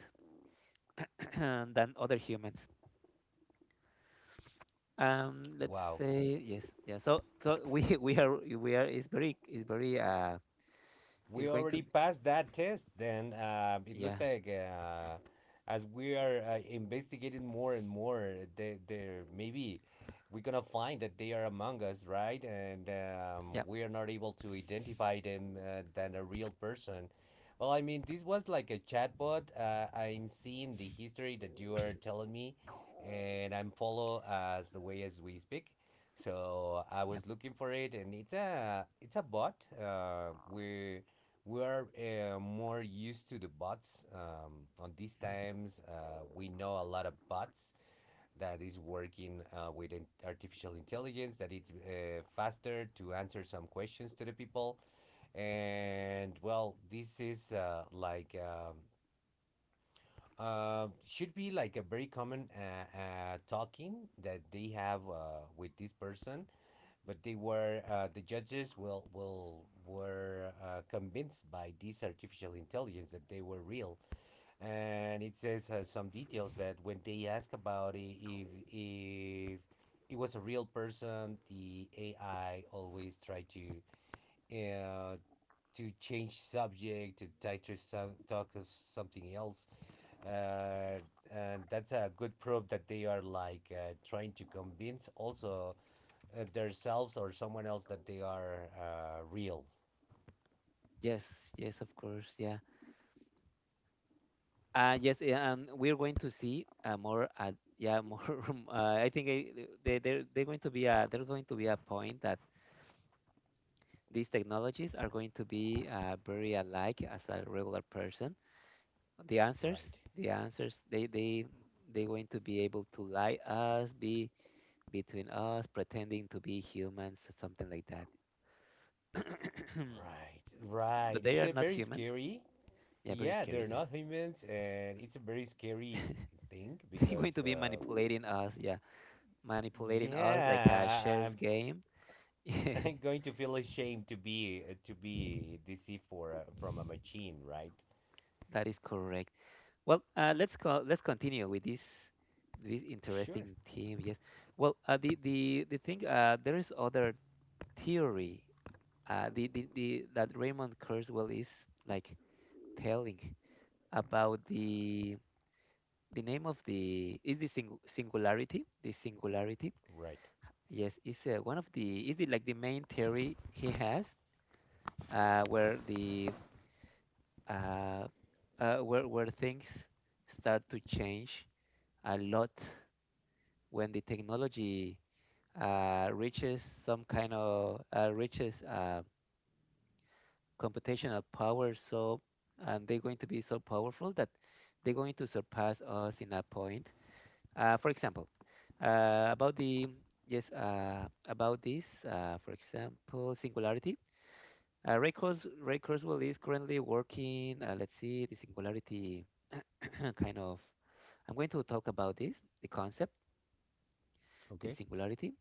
than other humans. Let's
Wow.
say yes, yeah. So we we are is very, is
We
going to,
already passed that test. Then it looks
yeah,
like as we are investigating more and more, they maybe we're gonna find that they are among us, right? And
yeah,
we are not able to identify them than a real person. Well, I mean, this was like a chatbot. I'm seeing the history that you are telling me, and I'm follow as the way as we speak. So I
yeah.
was looking for it, and it's a bot. Uh, we we are more used to the bots. On these
Mhm.
times, we know a lot of bots that is working with artificial intelligence that it's faster to answer some questions to the people. And well, this is should be like a very common talking that they have with this person, but they were the judges will were convinced by this artificial intelligence that they were real. And it says some details that when they ask about if it was a real person, the AI always try to uh, change subject to talk of something else, uh, and that's a good proof that they are like trying to convince also themselves or someone else that they are real.
Yes, yes, of course, yeah. Yes, yeah, and we're going to see, more. Yeah, more. I think, they're going to be a, there's going to be a point that these technologies are going to be, very alike as a regular person. The answers,
Right.
they they're going to be able to lie us, be between us, pretending to be humans, something like that.
Right. Right.
But they
It's
are
a
not
very
humans.
scary.
Yeah, very
Yeah,
scary.
they're
Yes,
not humans, and it's a very scary thing
they're going
because
to be manipulating us. Yeah, manipulating us like a
yeah, I-
chess
I'm
game.
I'm going to feel ashamed to be deceived for from a machine, right?
That is correct. Well, let's continue with this
Sure.
interesting theme. Yes. Well, the thing, there is other theory. The That Raymond Kurzweil is like telling about the, name of the is the singularity. The singularity.
Right.
Yes, is, one of the, is it like the main theory he has, where the uh, where things start to change a lot when the technology, reaches some kind of, reaches computational power. So, and they're going to be so powerful that they're going to surpass us in a point. For example, about the yes about this for example, singularity. Ray Kurzweil is currently working, let's see, the singularity, kind of. I'm going to talk about this, the concept, the
Okay.
singularity.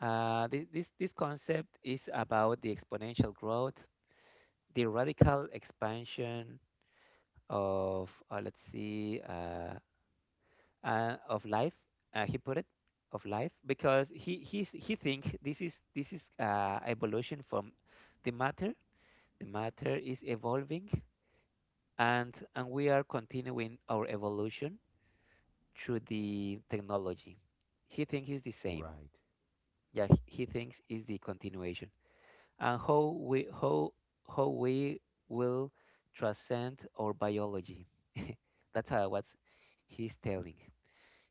This concept is about the exponential growth, the radical expansion of, of life, he put it, of life, because he thinks this is, evolution from the matter. The matter is evolving, and we are continuing our evolution through the technology. He thinks it's the same.
Right.
Yeah, he thinks it's the continuation. And how we will transcend our biology. That's how what he's telling.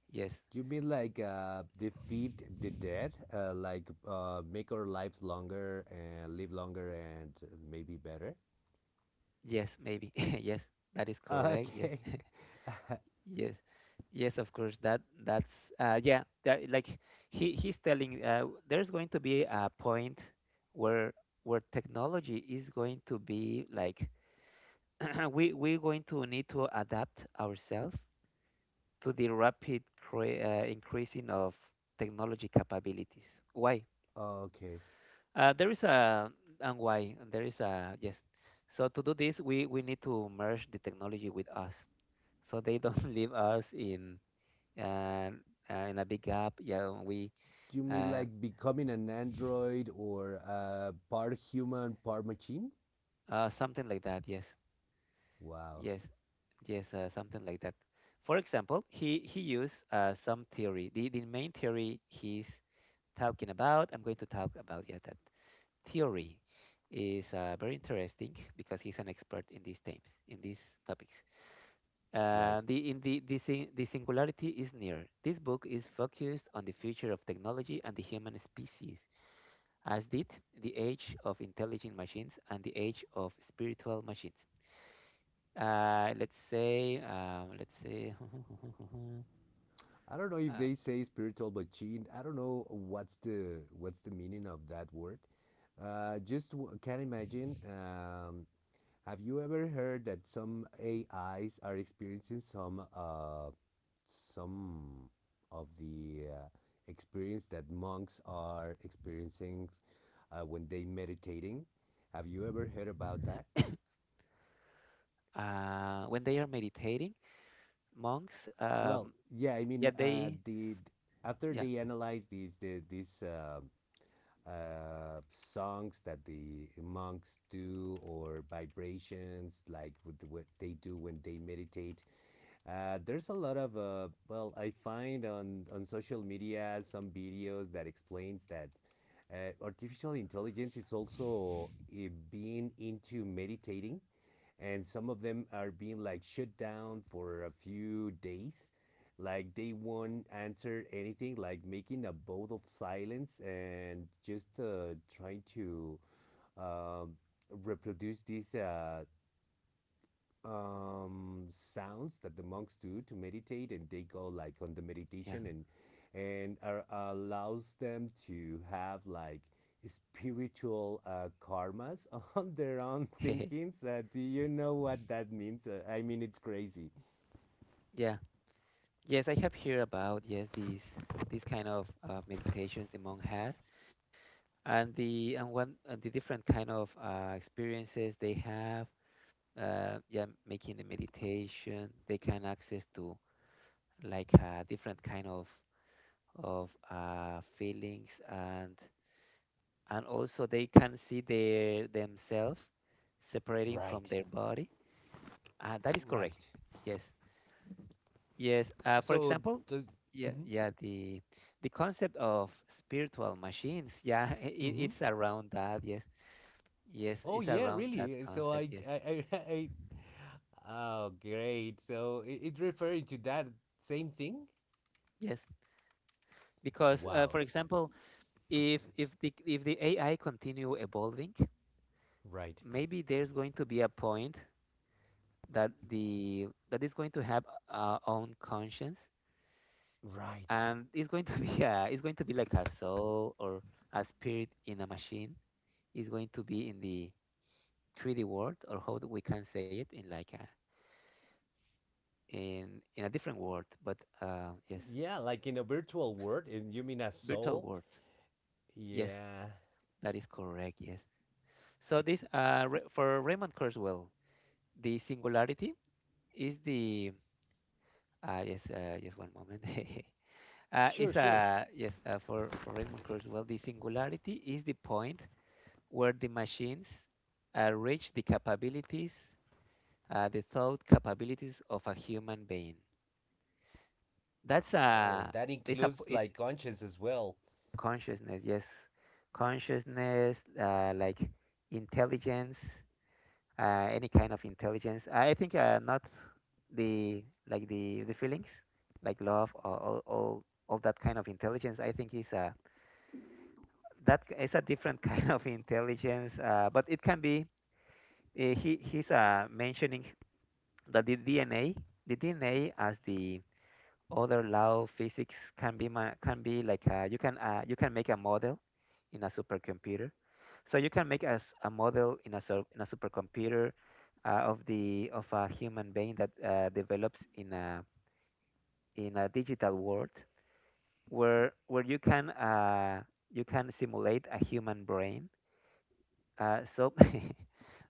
Yes,
You mean like defeat the dead, like make our lives longer and live longer and maybe better?
yes, maybe. Yes, that is correct. Yes.
Okay,
Yes, yes, of course. That that's, yeah. That, like he's telling, there's going to be a point where technology is going to be like, we're going to need to adapt ourselves to the rapid, increasing of technology capabilities. Why?
okay.
There is a, and why there is a, yes. So to do this, we need to merge the technology with us, so they don't leave us in and, in a big gap. Yeah, we,
You mean
uh,
like becoming an android or part human, part machine?
something like that. Yes,
Wow,
yes, yes, something like that. For example, he used, some theory. The main theory he's talking about. I'm going to talk about, yeah, that theory is, very interesting because he's an expert in these themes, in these topics.
right.
The in the the, sing, The singularity is near. This book is focused on the future of technology and the human species, as did the age of intelligent machines and the age of spiritual machines. Let's say,
I don't know if
uh,
they say spiritual machine. I don't know what's the meaning of that word. Just can imagine have you ever heard that some AIs are experiencing some of the experience that monks are experiencing when they meditating? Have you ever heard about that?
when they are meditating, monks,
Well, yeah, I mean,
yeah, they,
the after
yeah,
they analyze these the, these songs that the monks do or vibrations like what they do when they meditate. There's a lot of well, I find on social media some videos that explains that artificial intelligence is also being into meditating, and some of them are being like shut down for a few days, like they won't answer anything, like making a vow of silence and just trying to um, reproduce this sounds that the monks do to meditate, and they go like on the
yeah,
meditation and are, allows them to have like spiritual karmas on their own thinkings. Do you know what that means? I mean, it's crazy.
yeah, yes, I have heard about, yes, these kind of, meditations the monk has, and the and one and the different kind of, experiences they have. Yeah, making the meditation, they can access to like a different kind of, feelings, and also they can see their themselves separating from
Right.
their body. That is correct.
Right.
Yes, yes. For
So
example,
does.
yeah,
Mm-hmm,
yeah. The concept of spiritual machines. Yeah, it,
mm-hmm.
it's around that. Yes, yes.
Oh
It's
yeah,
around that
really. So
concept.
I
Yes,
I I. I oh great. So it referring to that same thing.
yes. Because, for
Wow.
example, if if the AI continue evolving,
Right.
maybe there's going to be a point that the, that is going to have our own conscience,
Right.
and it's going to be a, it's going to be like a soul or a spirit in a machine. It's going to be in the 3D world, or how do we can say it, in like a, in in a different world. But, yes,
Yeah, like in a virtual world, and you mean a
virtual
soul?
world, yes,
Yeah.
that is correct. Yes. So this, for Raymond Kurzweil, the singularity is the, yes, just one moment.
Sure,
Is
sure.
a, yes, for Raymond Kurz. Well, the singularity is the point where the machines, reach the capabilities, the thought capabilities of a human being. That's
Oh,
a,
that
it's a,
includes
it's
like conscience as well.
consciousness. Yes, consciousness, like intelligence, any kind of intelligence. I think, not the, like the feelings like love, or all, all that kind of intelligence. I think is a, that, is a different kind of intelligence, but it can be. He he's mentioning that the DNA, the DNA as the other law of physics, can be, can be like, you can, you can make a model in a supercomputer. So you can make a, a model in a supercomputer, of the, of a human being, that, develops in a, in a digital world, where you can, you can simulate a human brain. So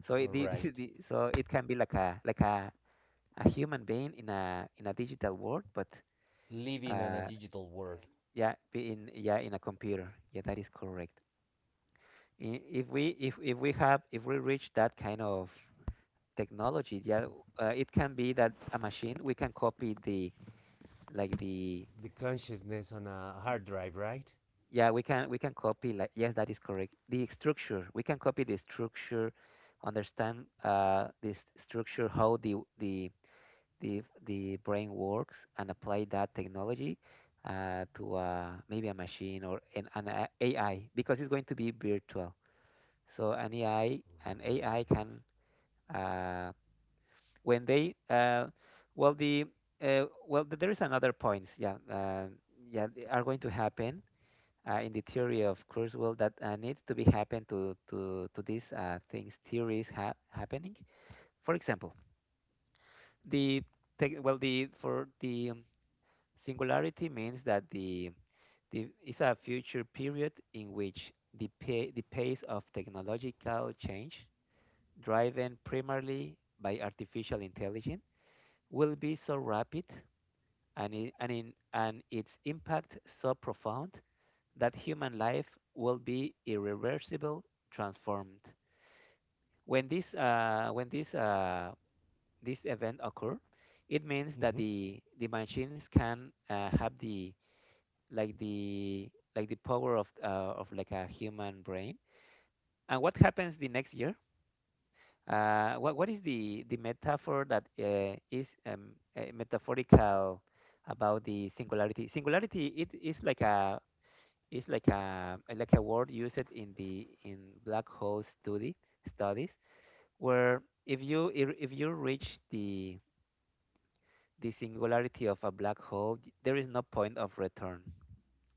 so it,
Right.
so it can be like a, a human being in a, in a digital world, but,
Living on a
uh,
digital world.
yeah, be in, yeah, in a computer. Yeah, that is correct. If we, if we have, if we reach that kind of technology, yeah, it can be that a machine, we can copy the, like the,
The consciousness on a hard drive, right? Right.
yeah, we can copy, like, yes, that is correct, the structure, understand, this structure, how the the brain works, and apply that technology, to, maybe a machine, or an, AI, because it's going to be virtual. So an AI, can, uh, when they well the well th- there is another point, yeah, yeah, they are going to happen, in the theory of Kurzweil, that, needs to be happen to these, things, theories, happening. For example, the tech well the for the singularity means that the, is a future period in which the, the pace of technological change, driven primarily by artificial intelligence, will be so rapid, and, I- and, in, and its impact so profound that human life will be irreversible transformed. When this, this event occurs, it means that
Mm-hmm.
the machines can, have the, like the, like the power of, like a human brain. And what happens the next year? What is the metaphor that, is, metaphorical about the singularity? Singularity, it is like a, is like a, like a word used in the, in black hole, study studies, where if you, if you reach the, singularity of a black hole, there is no point of return.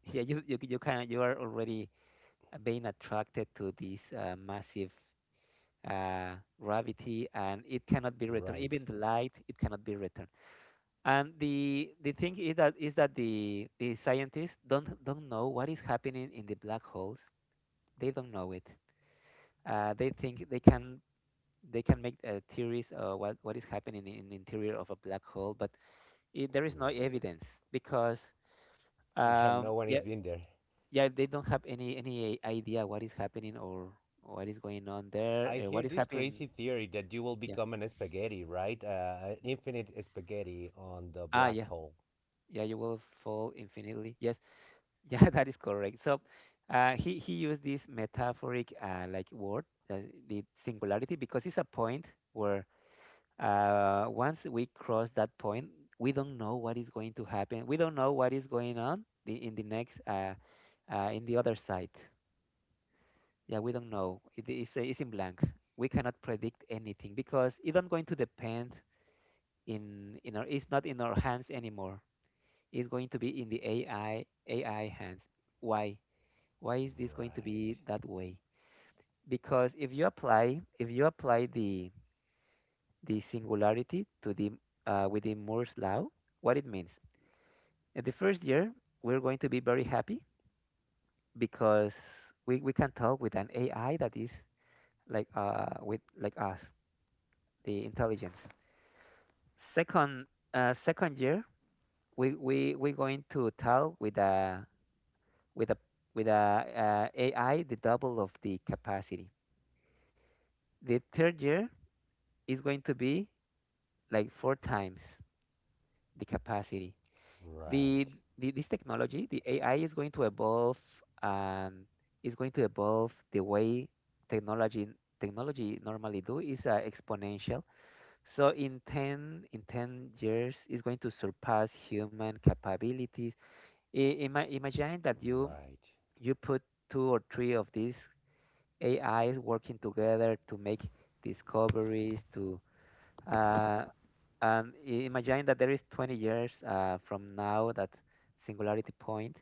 Yeah, you can, you are already being attracted to this, massive, uh, gravity, and it cannot be returned.
Right.
Even the light, it cannot be returned. And the thing is that the scientists don't know what is happening in the black holes. They don't know it. They think they can make theories of what is happening in the interior of a black hole, but there is no
Right.
evidence because
Yeah, no one has
yeah,
been there.
yeah, they don't have any idea what is happening or what is going on there,
I hear
what is
this
happening.
crazy theory that you will
Yeah,
become an spaghetti, right? An infinite spaghetti on the
ah,
black
yeah,
hole.
yeah, you will fall infinitely, yes. Yeah, that is correct, so he used this metaphoric, like, word, uh, the singularity, because it's a point where, once we cross that point, we don't know what is going to happen, we don't know what is going on in the next, in the other side. Yeah, we don't know. It's in blank. We cannot predict anything because it's not going to depend in our, it's not in our hands anymore. It's going to be in the AI hands. Why? Why is this going to
Right.
be that way? Because if you apply the singularity to the, with the Moore's law, what it means? In the first year, we're going to be very happy because we can talk with an AI that is like, with, like, us, the intelligence. Second, second year, we going to tell with a with a with a AI the double of the capacity. The third year is going to be like four times the capacity. The,
Right.
the this technology, the AI is going to evolve, and is going to evolve the way technology normally do, is, exponential. So in 10 years is going to surpass human capabilities. Imagine that you
Right.
put two or three of these AIs working together to make discoveries to, uh, and imagine that there is 20 years from now, that singularity point.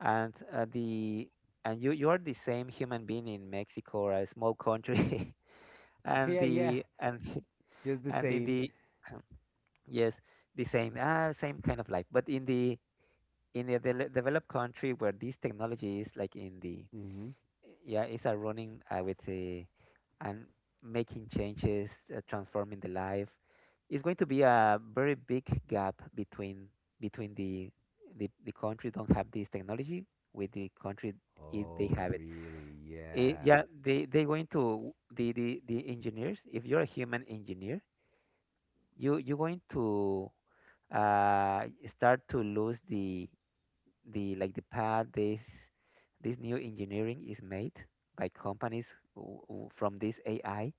And the and you are the same human being in Mexico or a small country, and
Yeah, yeah,
the and
just the
and in
same.
the yes, the same, ah, same kind of life but in the in a developed country where this technology is like in the,
Hmm.
yeah, it's a running, I would say, and making changes, transforming the life. It's going to be a very big gap between between the the country don't have this technology, with the country they
Oh,
have it.
really? Yeah.
Yeah, they going to the engineers. If you're a human engineer, you're going to start to lose the like, the path. This new engineering is made by companies from this AI.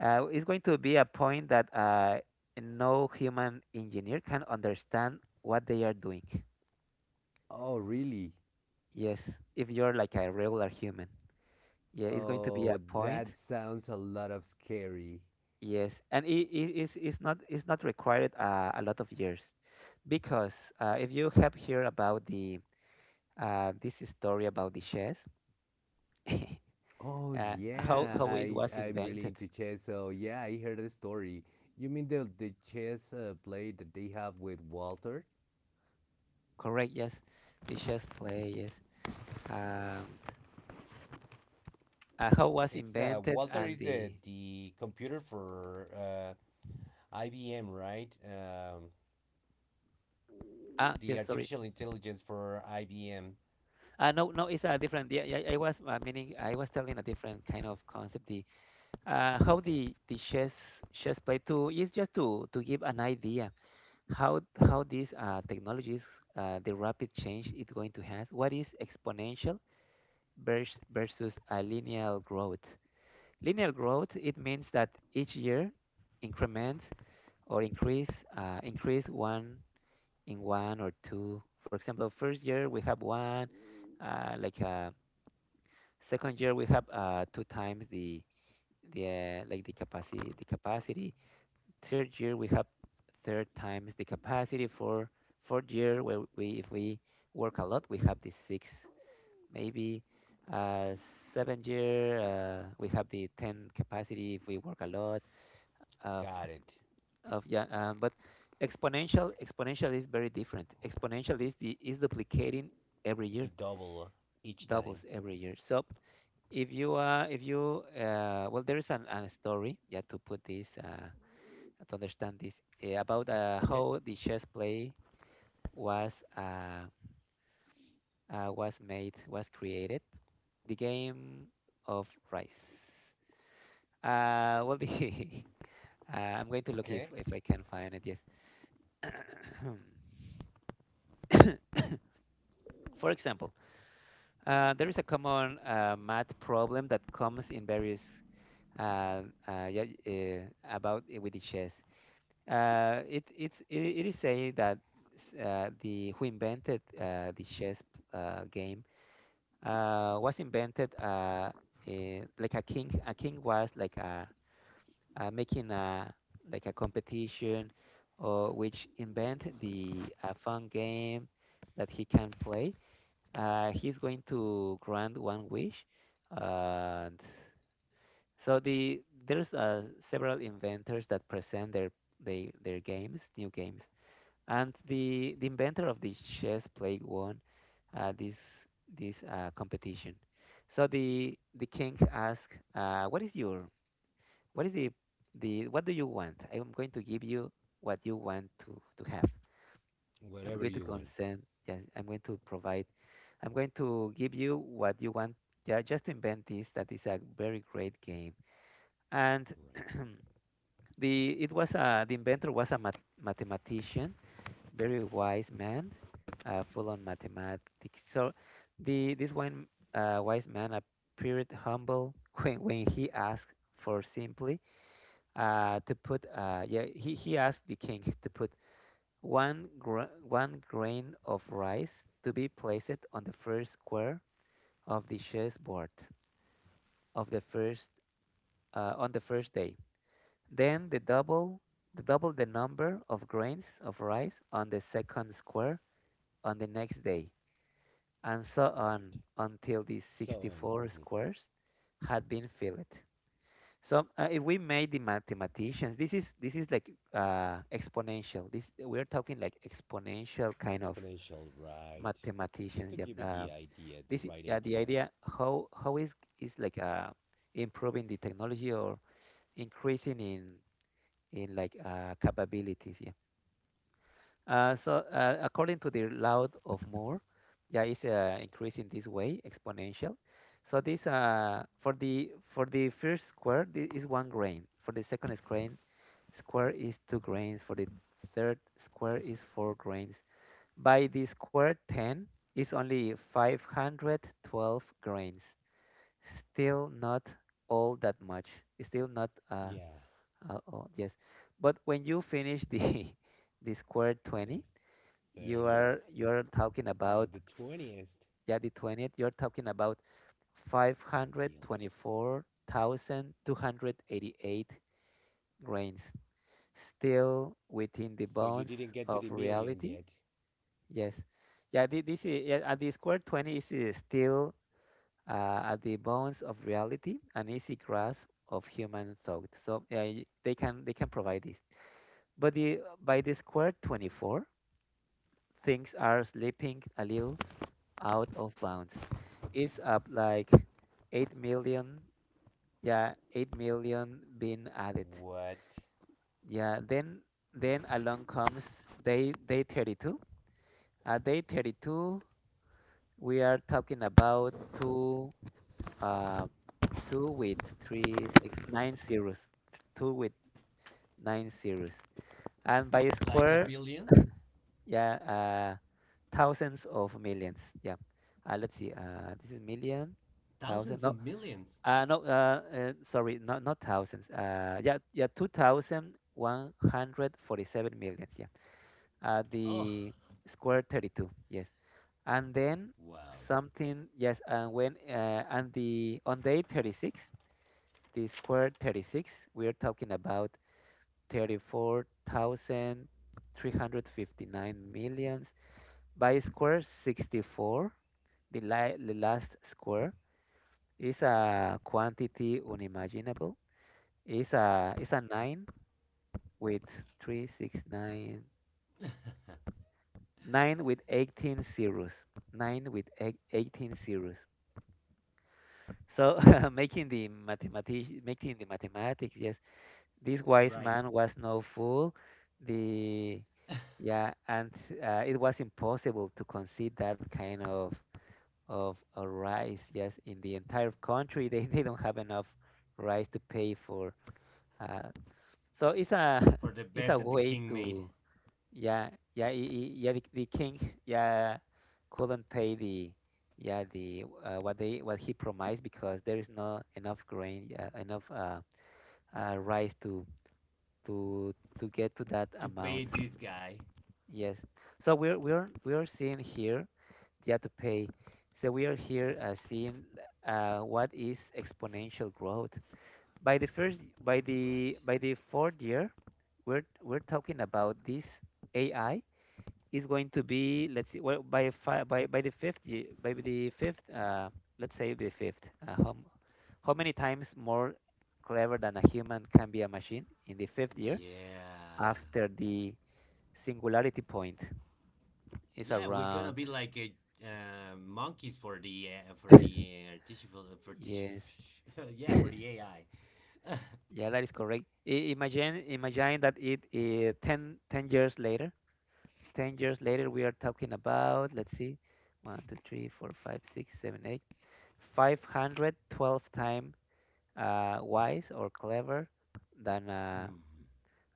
Is going to be a point that, no human engineer can understand what they are doing.
Oh, really?
Yes, if you're like a regular human, yeah, it's going to be a
Oh, that
point.
sounds a lot of scary.
Yes, and it's not, required, a lot of years, because, if you have heard about the, this story about the chess.
Oh,
uh, how
yeah,
how it was
I'm really
invented.
into chess. So yeah, I heard a story. You mean the chess play that they have with Walter?
Correct, yes, the chess play, yes, and how was
It's the
invented,
Walter
and
is the
the,
computer for IBM, right?
ah,
The
yes, sorry,
artificial intelligence for IBM.
ah, no, no, it's a different. Yeah, yeah, I was, meaning, I was telling a different kind of concept. The How
Okay,
the chess play to is just to give an idea how these, technologies, the rapid change it's going to have. What is exponential versus a linear growth? Linear growth, it means that each year increment or increase, increase one in one or two. For example, first year we have one, uh, like uh, second year we have, two times the like the capacity. Third year we have third times the capacity. For fourth year, where we, if we work a lot, we have the six, maybe. Uh, Seventh year, we have the 10 capacity, if we work a lot of
got it.
yeah, but exponential is very different. Exponential is duplicating every
The
year,
double each time.
doubles every year. So if you, well, there is an story, yeah, to put this, to understand this, about,
Okay?
how the chess play was, uh, was made, was created, the game of rice. Well the I'm going to look if
Okay.
I can find it. Yes. For example, there is a common, math problem that comes in various, uh, uh, yeah, uh, about, with the chess. It is saying that, the who invented, the chess, game, was invented, like a king. A king was like a, making a, like a, competition, or which invent the a fun game that he can play. He's going to grant one wish, and so the, there's, several inventors that present their their games, new games, and the inventor of the chess plague won, uh, this this, competition. So the king asked, "What is your, what is the, what do you want? I am going to give you what you want to have." I'm going
Whatever
to
you want.
consent. Yes, I'm going to provide. I'm going to give you what you want. Yeah, just invent this. That is a very great game. And
Right.
the, it was a, the inventor was a mathematician, very wise man, full on mathematics. So the this one, wise man appeared humble when he asked for simply, to put yeah he asked the king to put one, one grain of rice to be placed on the first square of the chessboard, of the first, on the first day. Then the double, the double the number of grains of rice on the second square on the next day, and so on,
Right.
until the
So on.
64
Mm-hmm.
squares had been filled. So, if we made the mathematicians, this is like, exponential. This we're talking like exponential kind of
Exponential right.
mathematicians.
Just
Yeah,
to give it the idea,
this,
the
yeah,
right
the
idea.
idea how is like, improving the technology or increasing in like, capabilities. Yeah. So, according to the law of Moore, yeah, it's, increasing this way exponential. So this, for the first square, this is one grain. For the second square is two grains. For the third square is four grains. By the square 10 is only 512 grains. Still not all that much. Still not,
Yeah.
all, yes. But when you finish the the square 20,
The
you are
30th.
you're talking about,
Oh, the 20th.
yeah, the 20th. You're talking about
Millions.
524,288 grains. Still within the
So
bounds
you didn't get
of
to the million
reality.
yet.
Yes. Yeah, this is yeah, and the square 20 is, still, at the bones of reality, an easy grasp of human thought. So yeah, they can provide this. But the by the square 24, things are slipping a little out of bounds. It's up like 8 million, yeah, 8 million being added.
What?
Yeah, then along comes day 32. At day 32, we are talking about two, uh, two with 3, 6, 9 zeros, two with nine zeros, and by
Like a
square,
billion?
yeah, thousands of millions. Yeah, let's see. This is million, thousand.
Thousands
No,
of millions.
no. Sorry, not thousands. Yeah, yeah, 2,147 million. Yeah,
Oh,
the square 32. Yes, and then
wow.
something, yes, and when and the on day 36, the square 36, we are talking about 34,359 millions. By square 64, the last square is a quantity unimaginable. It's a 9 with 369 with 18 zeros. 9 with 18 zeros. So making the mathematics, yes, this wise
Right.
man was no fool. The, yeah, and, it was impossible to concede that kind of a rice. Yes, in the entire country, they don't have enough rice to pay for. Uh, so it's a,
For the
it's a
bet that the
way
king made
to, yeah, yeah, yeah, the king yeah, couldn't pay the, yeah, the, what they, what he promised, because there is not enough grain, enough, rice to to get to that
to pay
amount.
this guy.
Yes. So we are seeing here, yeah, to pay. So we are here, seeing, what is exponential growth. By the first by the
Right.
by the fourth year, we're talking about this AI is going to be, let's see, well, by the fifth year, by the fifth, let's say the fifth, uh, how, m- how many times more clever than a human can be a machine in the fifth year
Yeah,
after the Singularity point is
yeah, we're gonna
around.
be like a, monkeys for the artificial for
Yes.
the, yeah for the AI.
Yeah, that is correct. Imagine that it, 10, ten years later. 10 years later, we are talking about, let's see, one, 2, 3, 4, 5, 6, 7, 8, 512 times, wise or clever than,
Mm.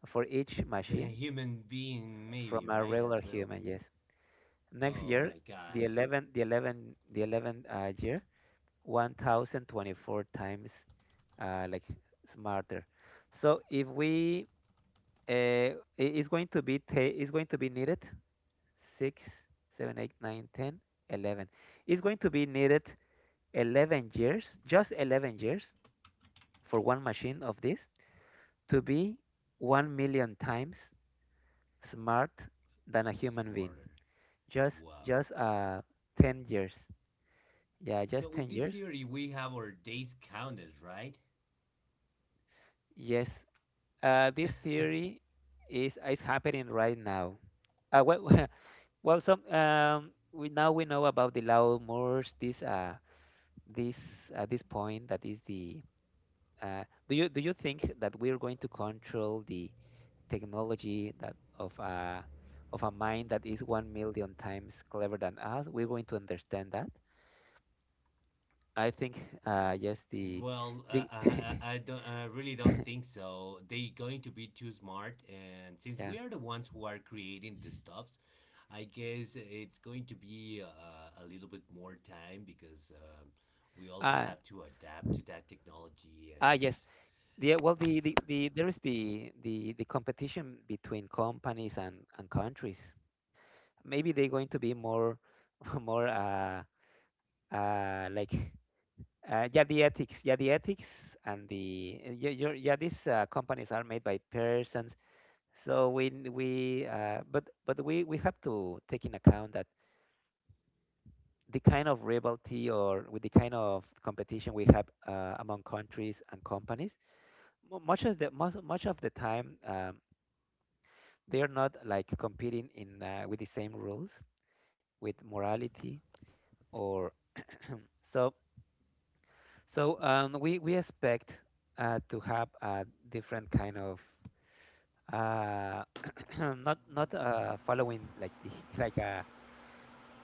for each
Then a
machine,
human being maybe
from a
right
regular
as well.
human, yes. Next
Oh
year,
my
the
God,
11, the 11, the 11 uh, year, 1024 times, like, smarter. So if we, it's going to be it's going to be needed 6, 7, 8, 9, 10, 11. It's going to be needed 11 years, just 11 years, for one machine of this to be 1 million times smart than a human being.
smarter.
Just
Wow.
just 10 years. Yeah,
So
just
with
10
this
years.
theory, we have our days counted, right?
Yes. This theory is happening right now. Well, well, some we now we know about the Lao Moors. This this point that is the. Uh, do you think that we are going to control the technology that of a of a mind that is 1 million times clever than us? We're going to understand that. I think, yes, the
Well, uh,
the
I, I I don't. I really don't think so. They're going to be too smart, and since
yeah.
we are the ones who are creating the stuffs, I guess it's going to be a little bit more time because we also
Uh,
have to adapt to that technology.
ah
And
yes. Yeah, well, the there is the the competition between companies and countries. Maybe they're going to be more more, uh, like yeah, the ethics, the ethics and the, yeah, these, companies are made by persons. So we n- we but we have to take in account that the kind of rivalry or with the kind of competition we have, among countries and companies mu- much of the most much of the time. They're not like competing in with the same rules, with morality or so. So, we expect, to have a different kind of, uh, not following like the like a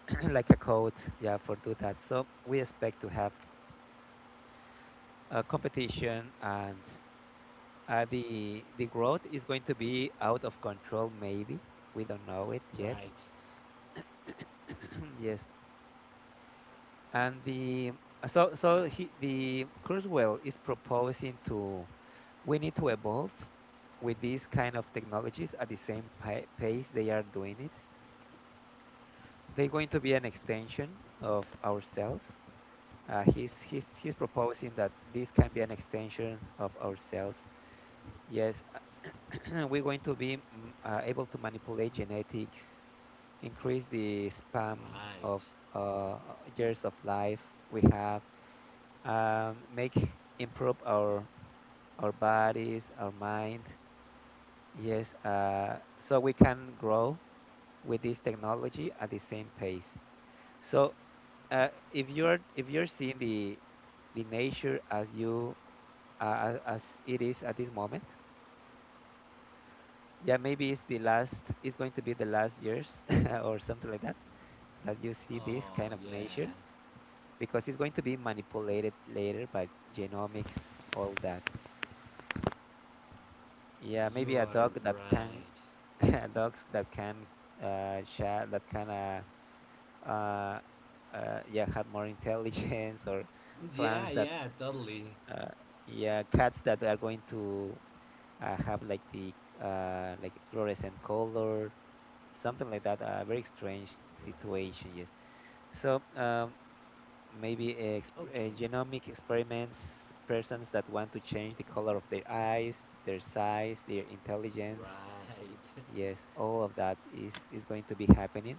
like a code, yeah, for do that. So we expect to have a competition, and, the growth is going to be out of control, maybe we don't know it yet.
right,
Yes, and the, so so he, the Kurzweil is proposing to, we need to evolve with these kind of technologies at the same pace they are doing it. They're going to be an extension of ourselves. He's proposing that this can be an extension of ourselves. Yes, we're going to be, able to manipulate genetics, increase the span
right.
of, uh, years of life we have, make improve our bodies, our mind. Yes, so we can grow with this technology at the same pace. So, if you're seeing the nature as you, as it is at this moment, yeah, maybe it's the last. It's going to be the last years, or something like that, that you see this
Oh
kind of
yeah,
nature, because it's going to be manipulated later by genomics, all that. Yeah,
you
maybe a
are
dog that can
right.
dogs that can, share that can, uh yeah, have more intelligence, or plants
Yeah,
that,
yeah, totally.
uh yeah, cats that are going to, have like the, like fluorescent color, something like that, a very strange situation,
Right.
yes. So, maybe
Okay.
genomic experiments, persons that want to change the color of their eyes, their size, their intelligence,
Right.
yes, all of that is going to be happening,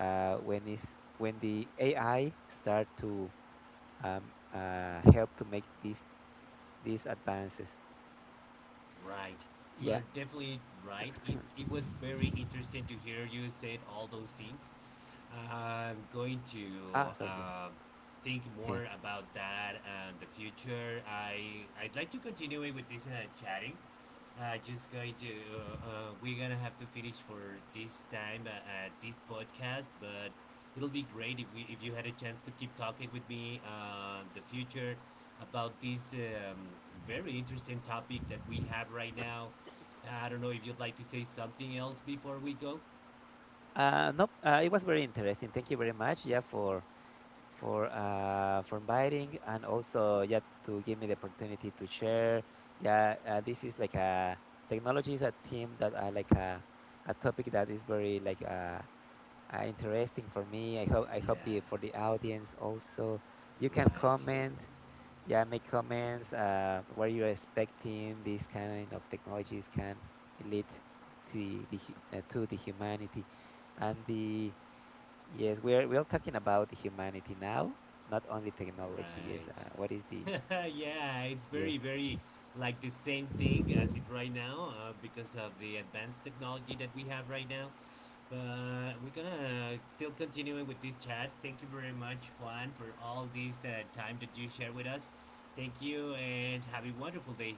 uh, when is when the AI start to, help to make these advances.
Right. You
Yeah.
are definitely right. It, it was very interesting to hear you said all those things. I'm going
Ah,
to
sorry. Yeah.
uh, think
Heh.
more about that and the future. I, I'd like to continue it with this chatting. I just going to. We're gonna have to finish for this time at this podcast, but it'll be great if we if you had a chance to keep talking with me the future about this very interesting topic that we have right now. I don't know if you'd like to say something else before we go.
Nope. It was very interesting. Thank you very much. Yeah, for, for inviting, and also, yeah, to give me the opportunity to share. Yeah, this is like a, technology is a theme that I like, a topic that is very like, interesting for me. I hope,
Yeah,
the, for the audience also, you can
right.
comment. Yeah, make comments. What are you expecting? These kind of technologies can lead to the to the humanity, and the, yes, we're talking about the humanity now, not only technology. Yes, what is the,
Right. Yeah, it's
yes?
very, very like the same thing as it right now because of the advanced technology that we have right now. But we're gonna still continuing with this chat. Thank you very much, Juan, for all this time that you share with us. Thank you and have a wonderful day.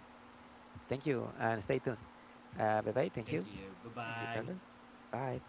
Thank you, and stay tuned. Bye bye. Thank
Thank
you.
you. Bye
Thank you,
bye.
Carlos. Bye.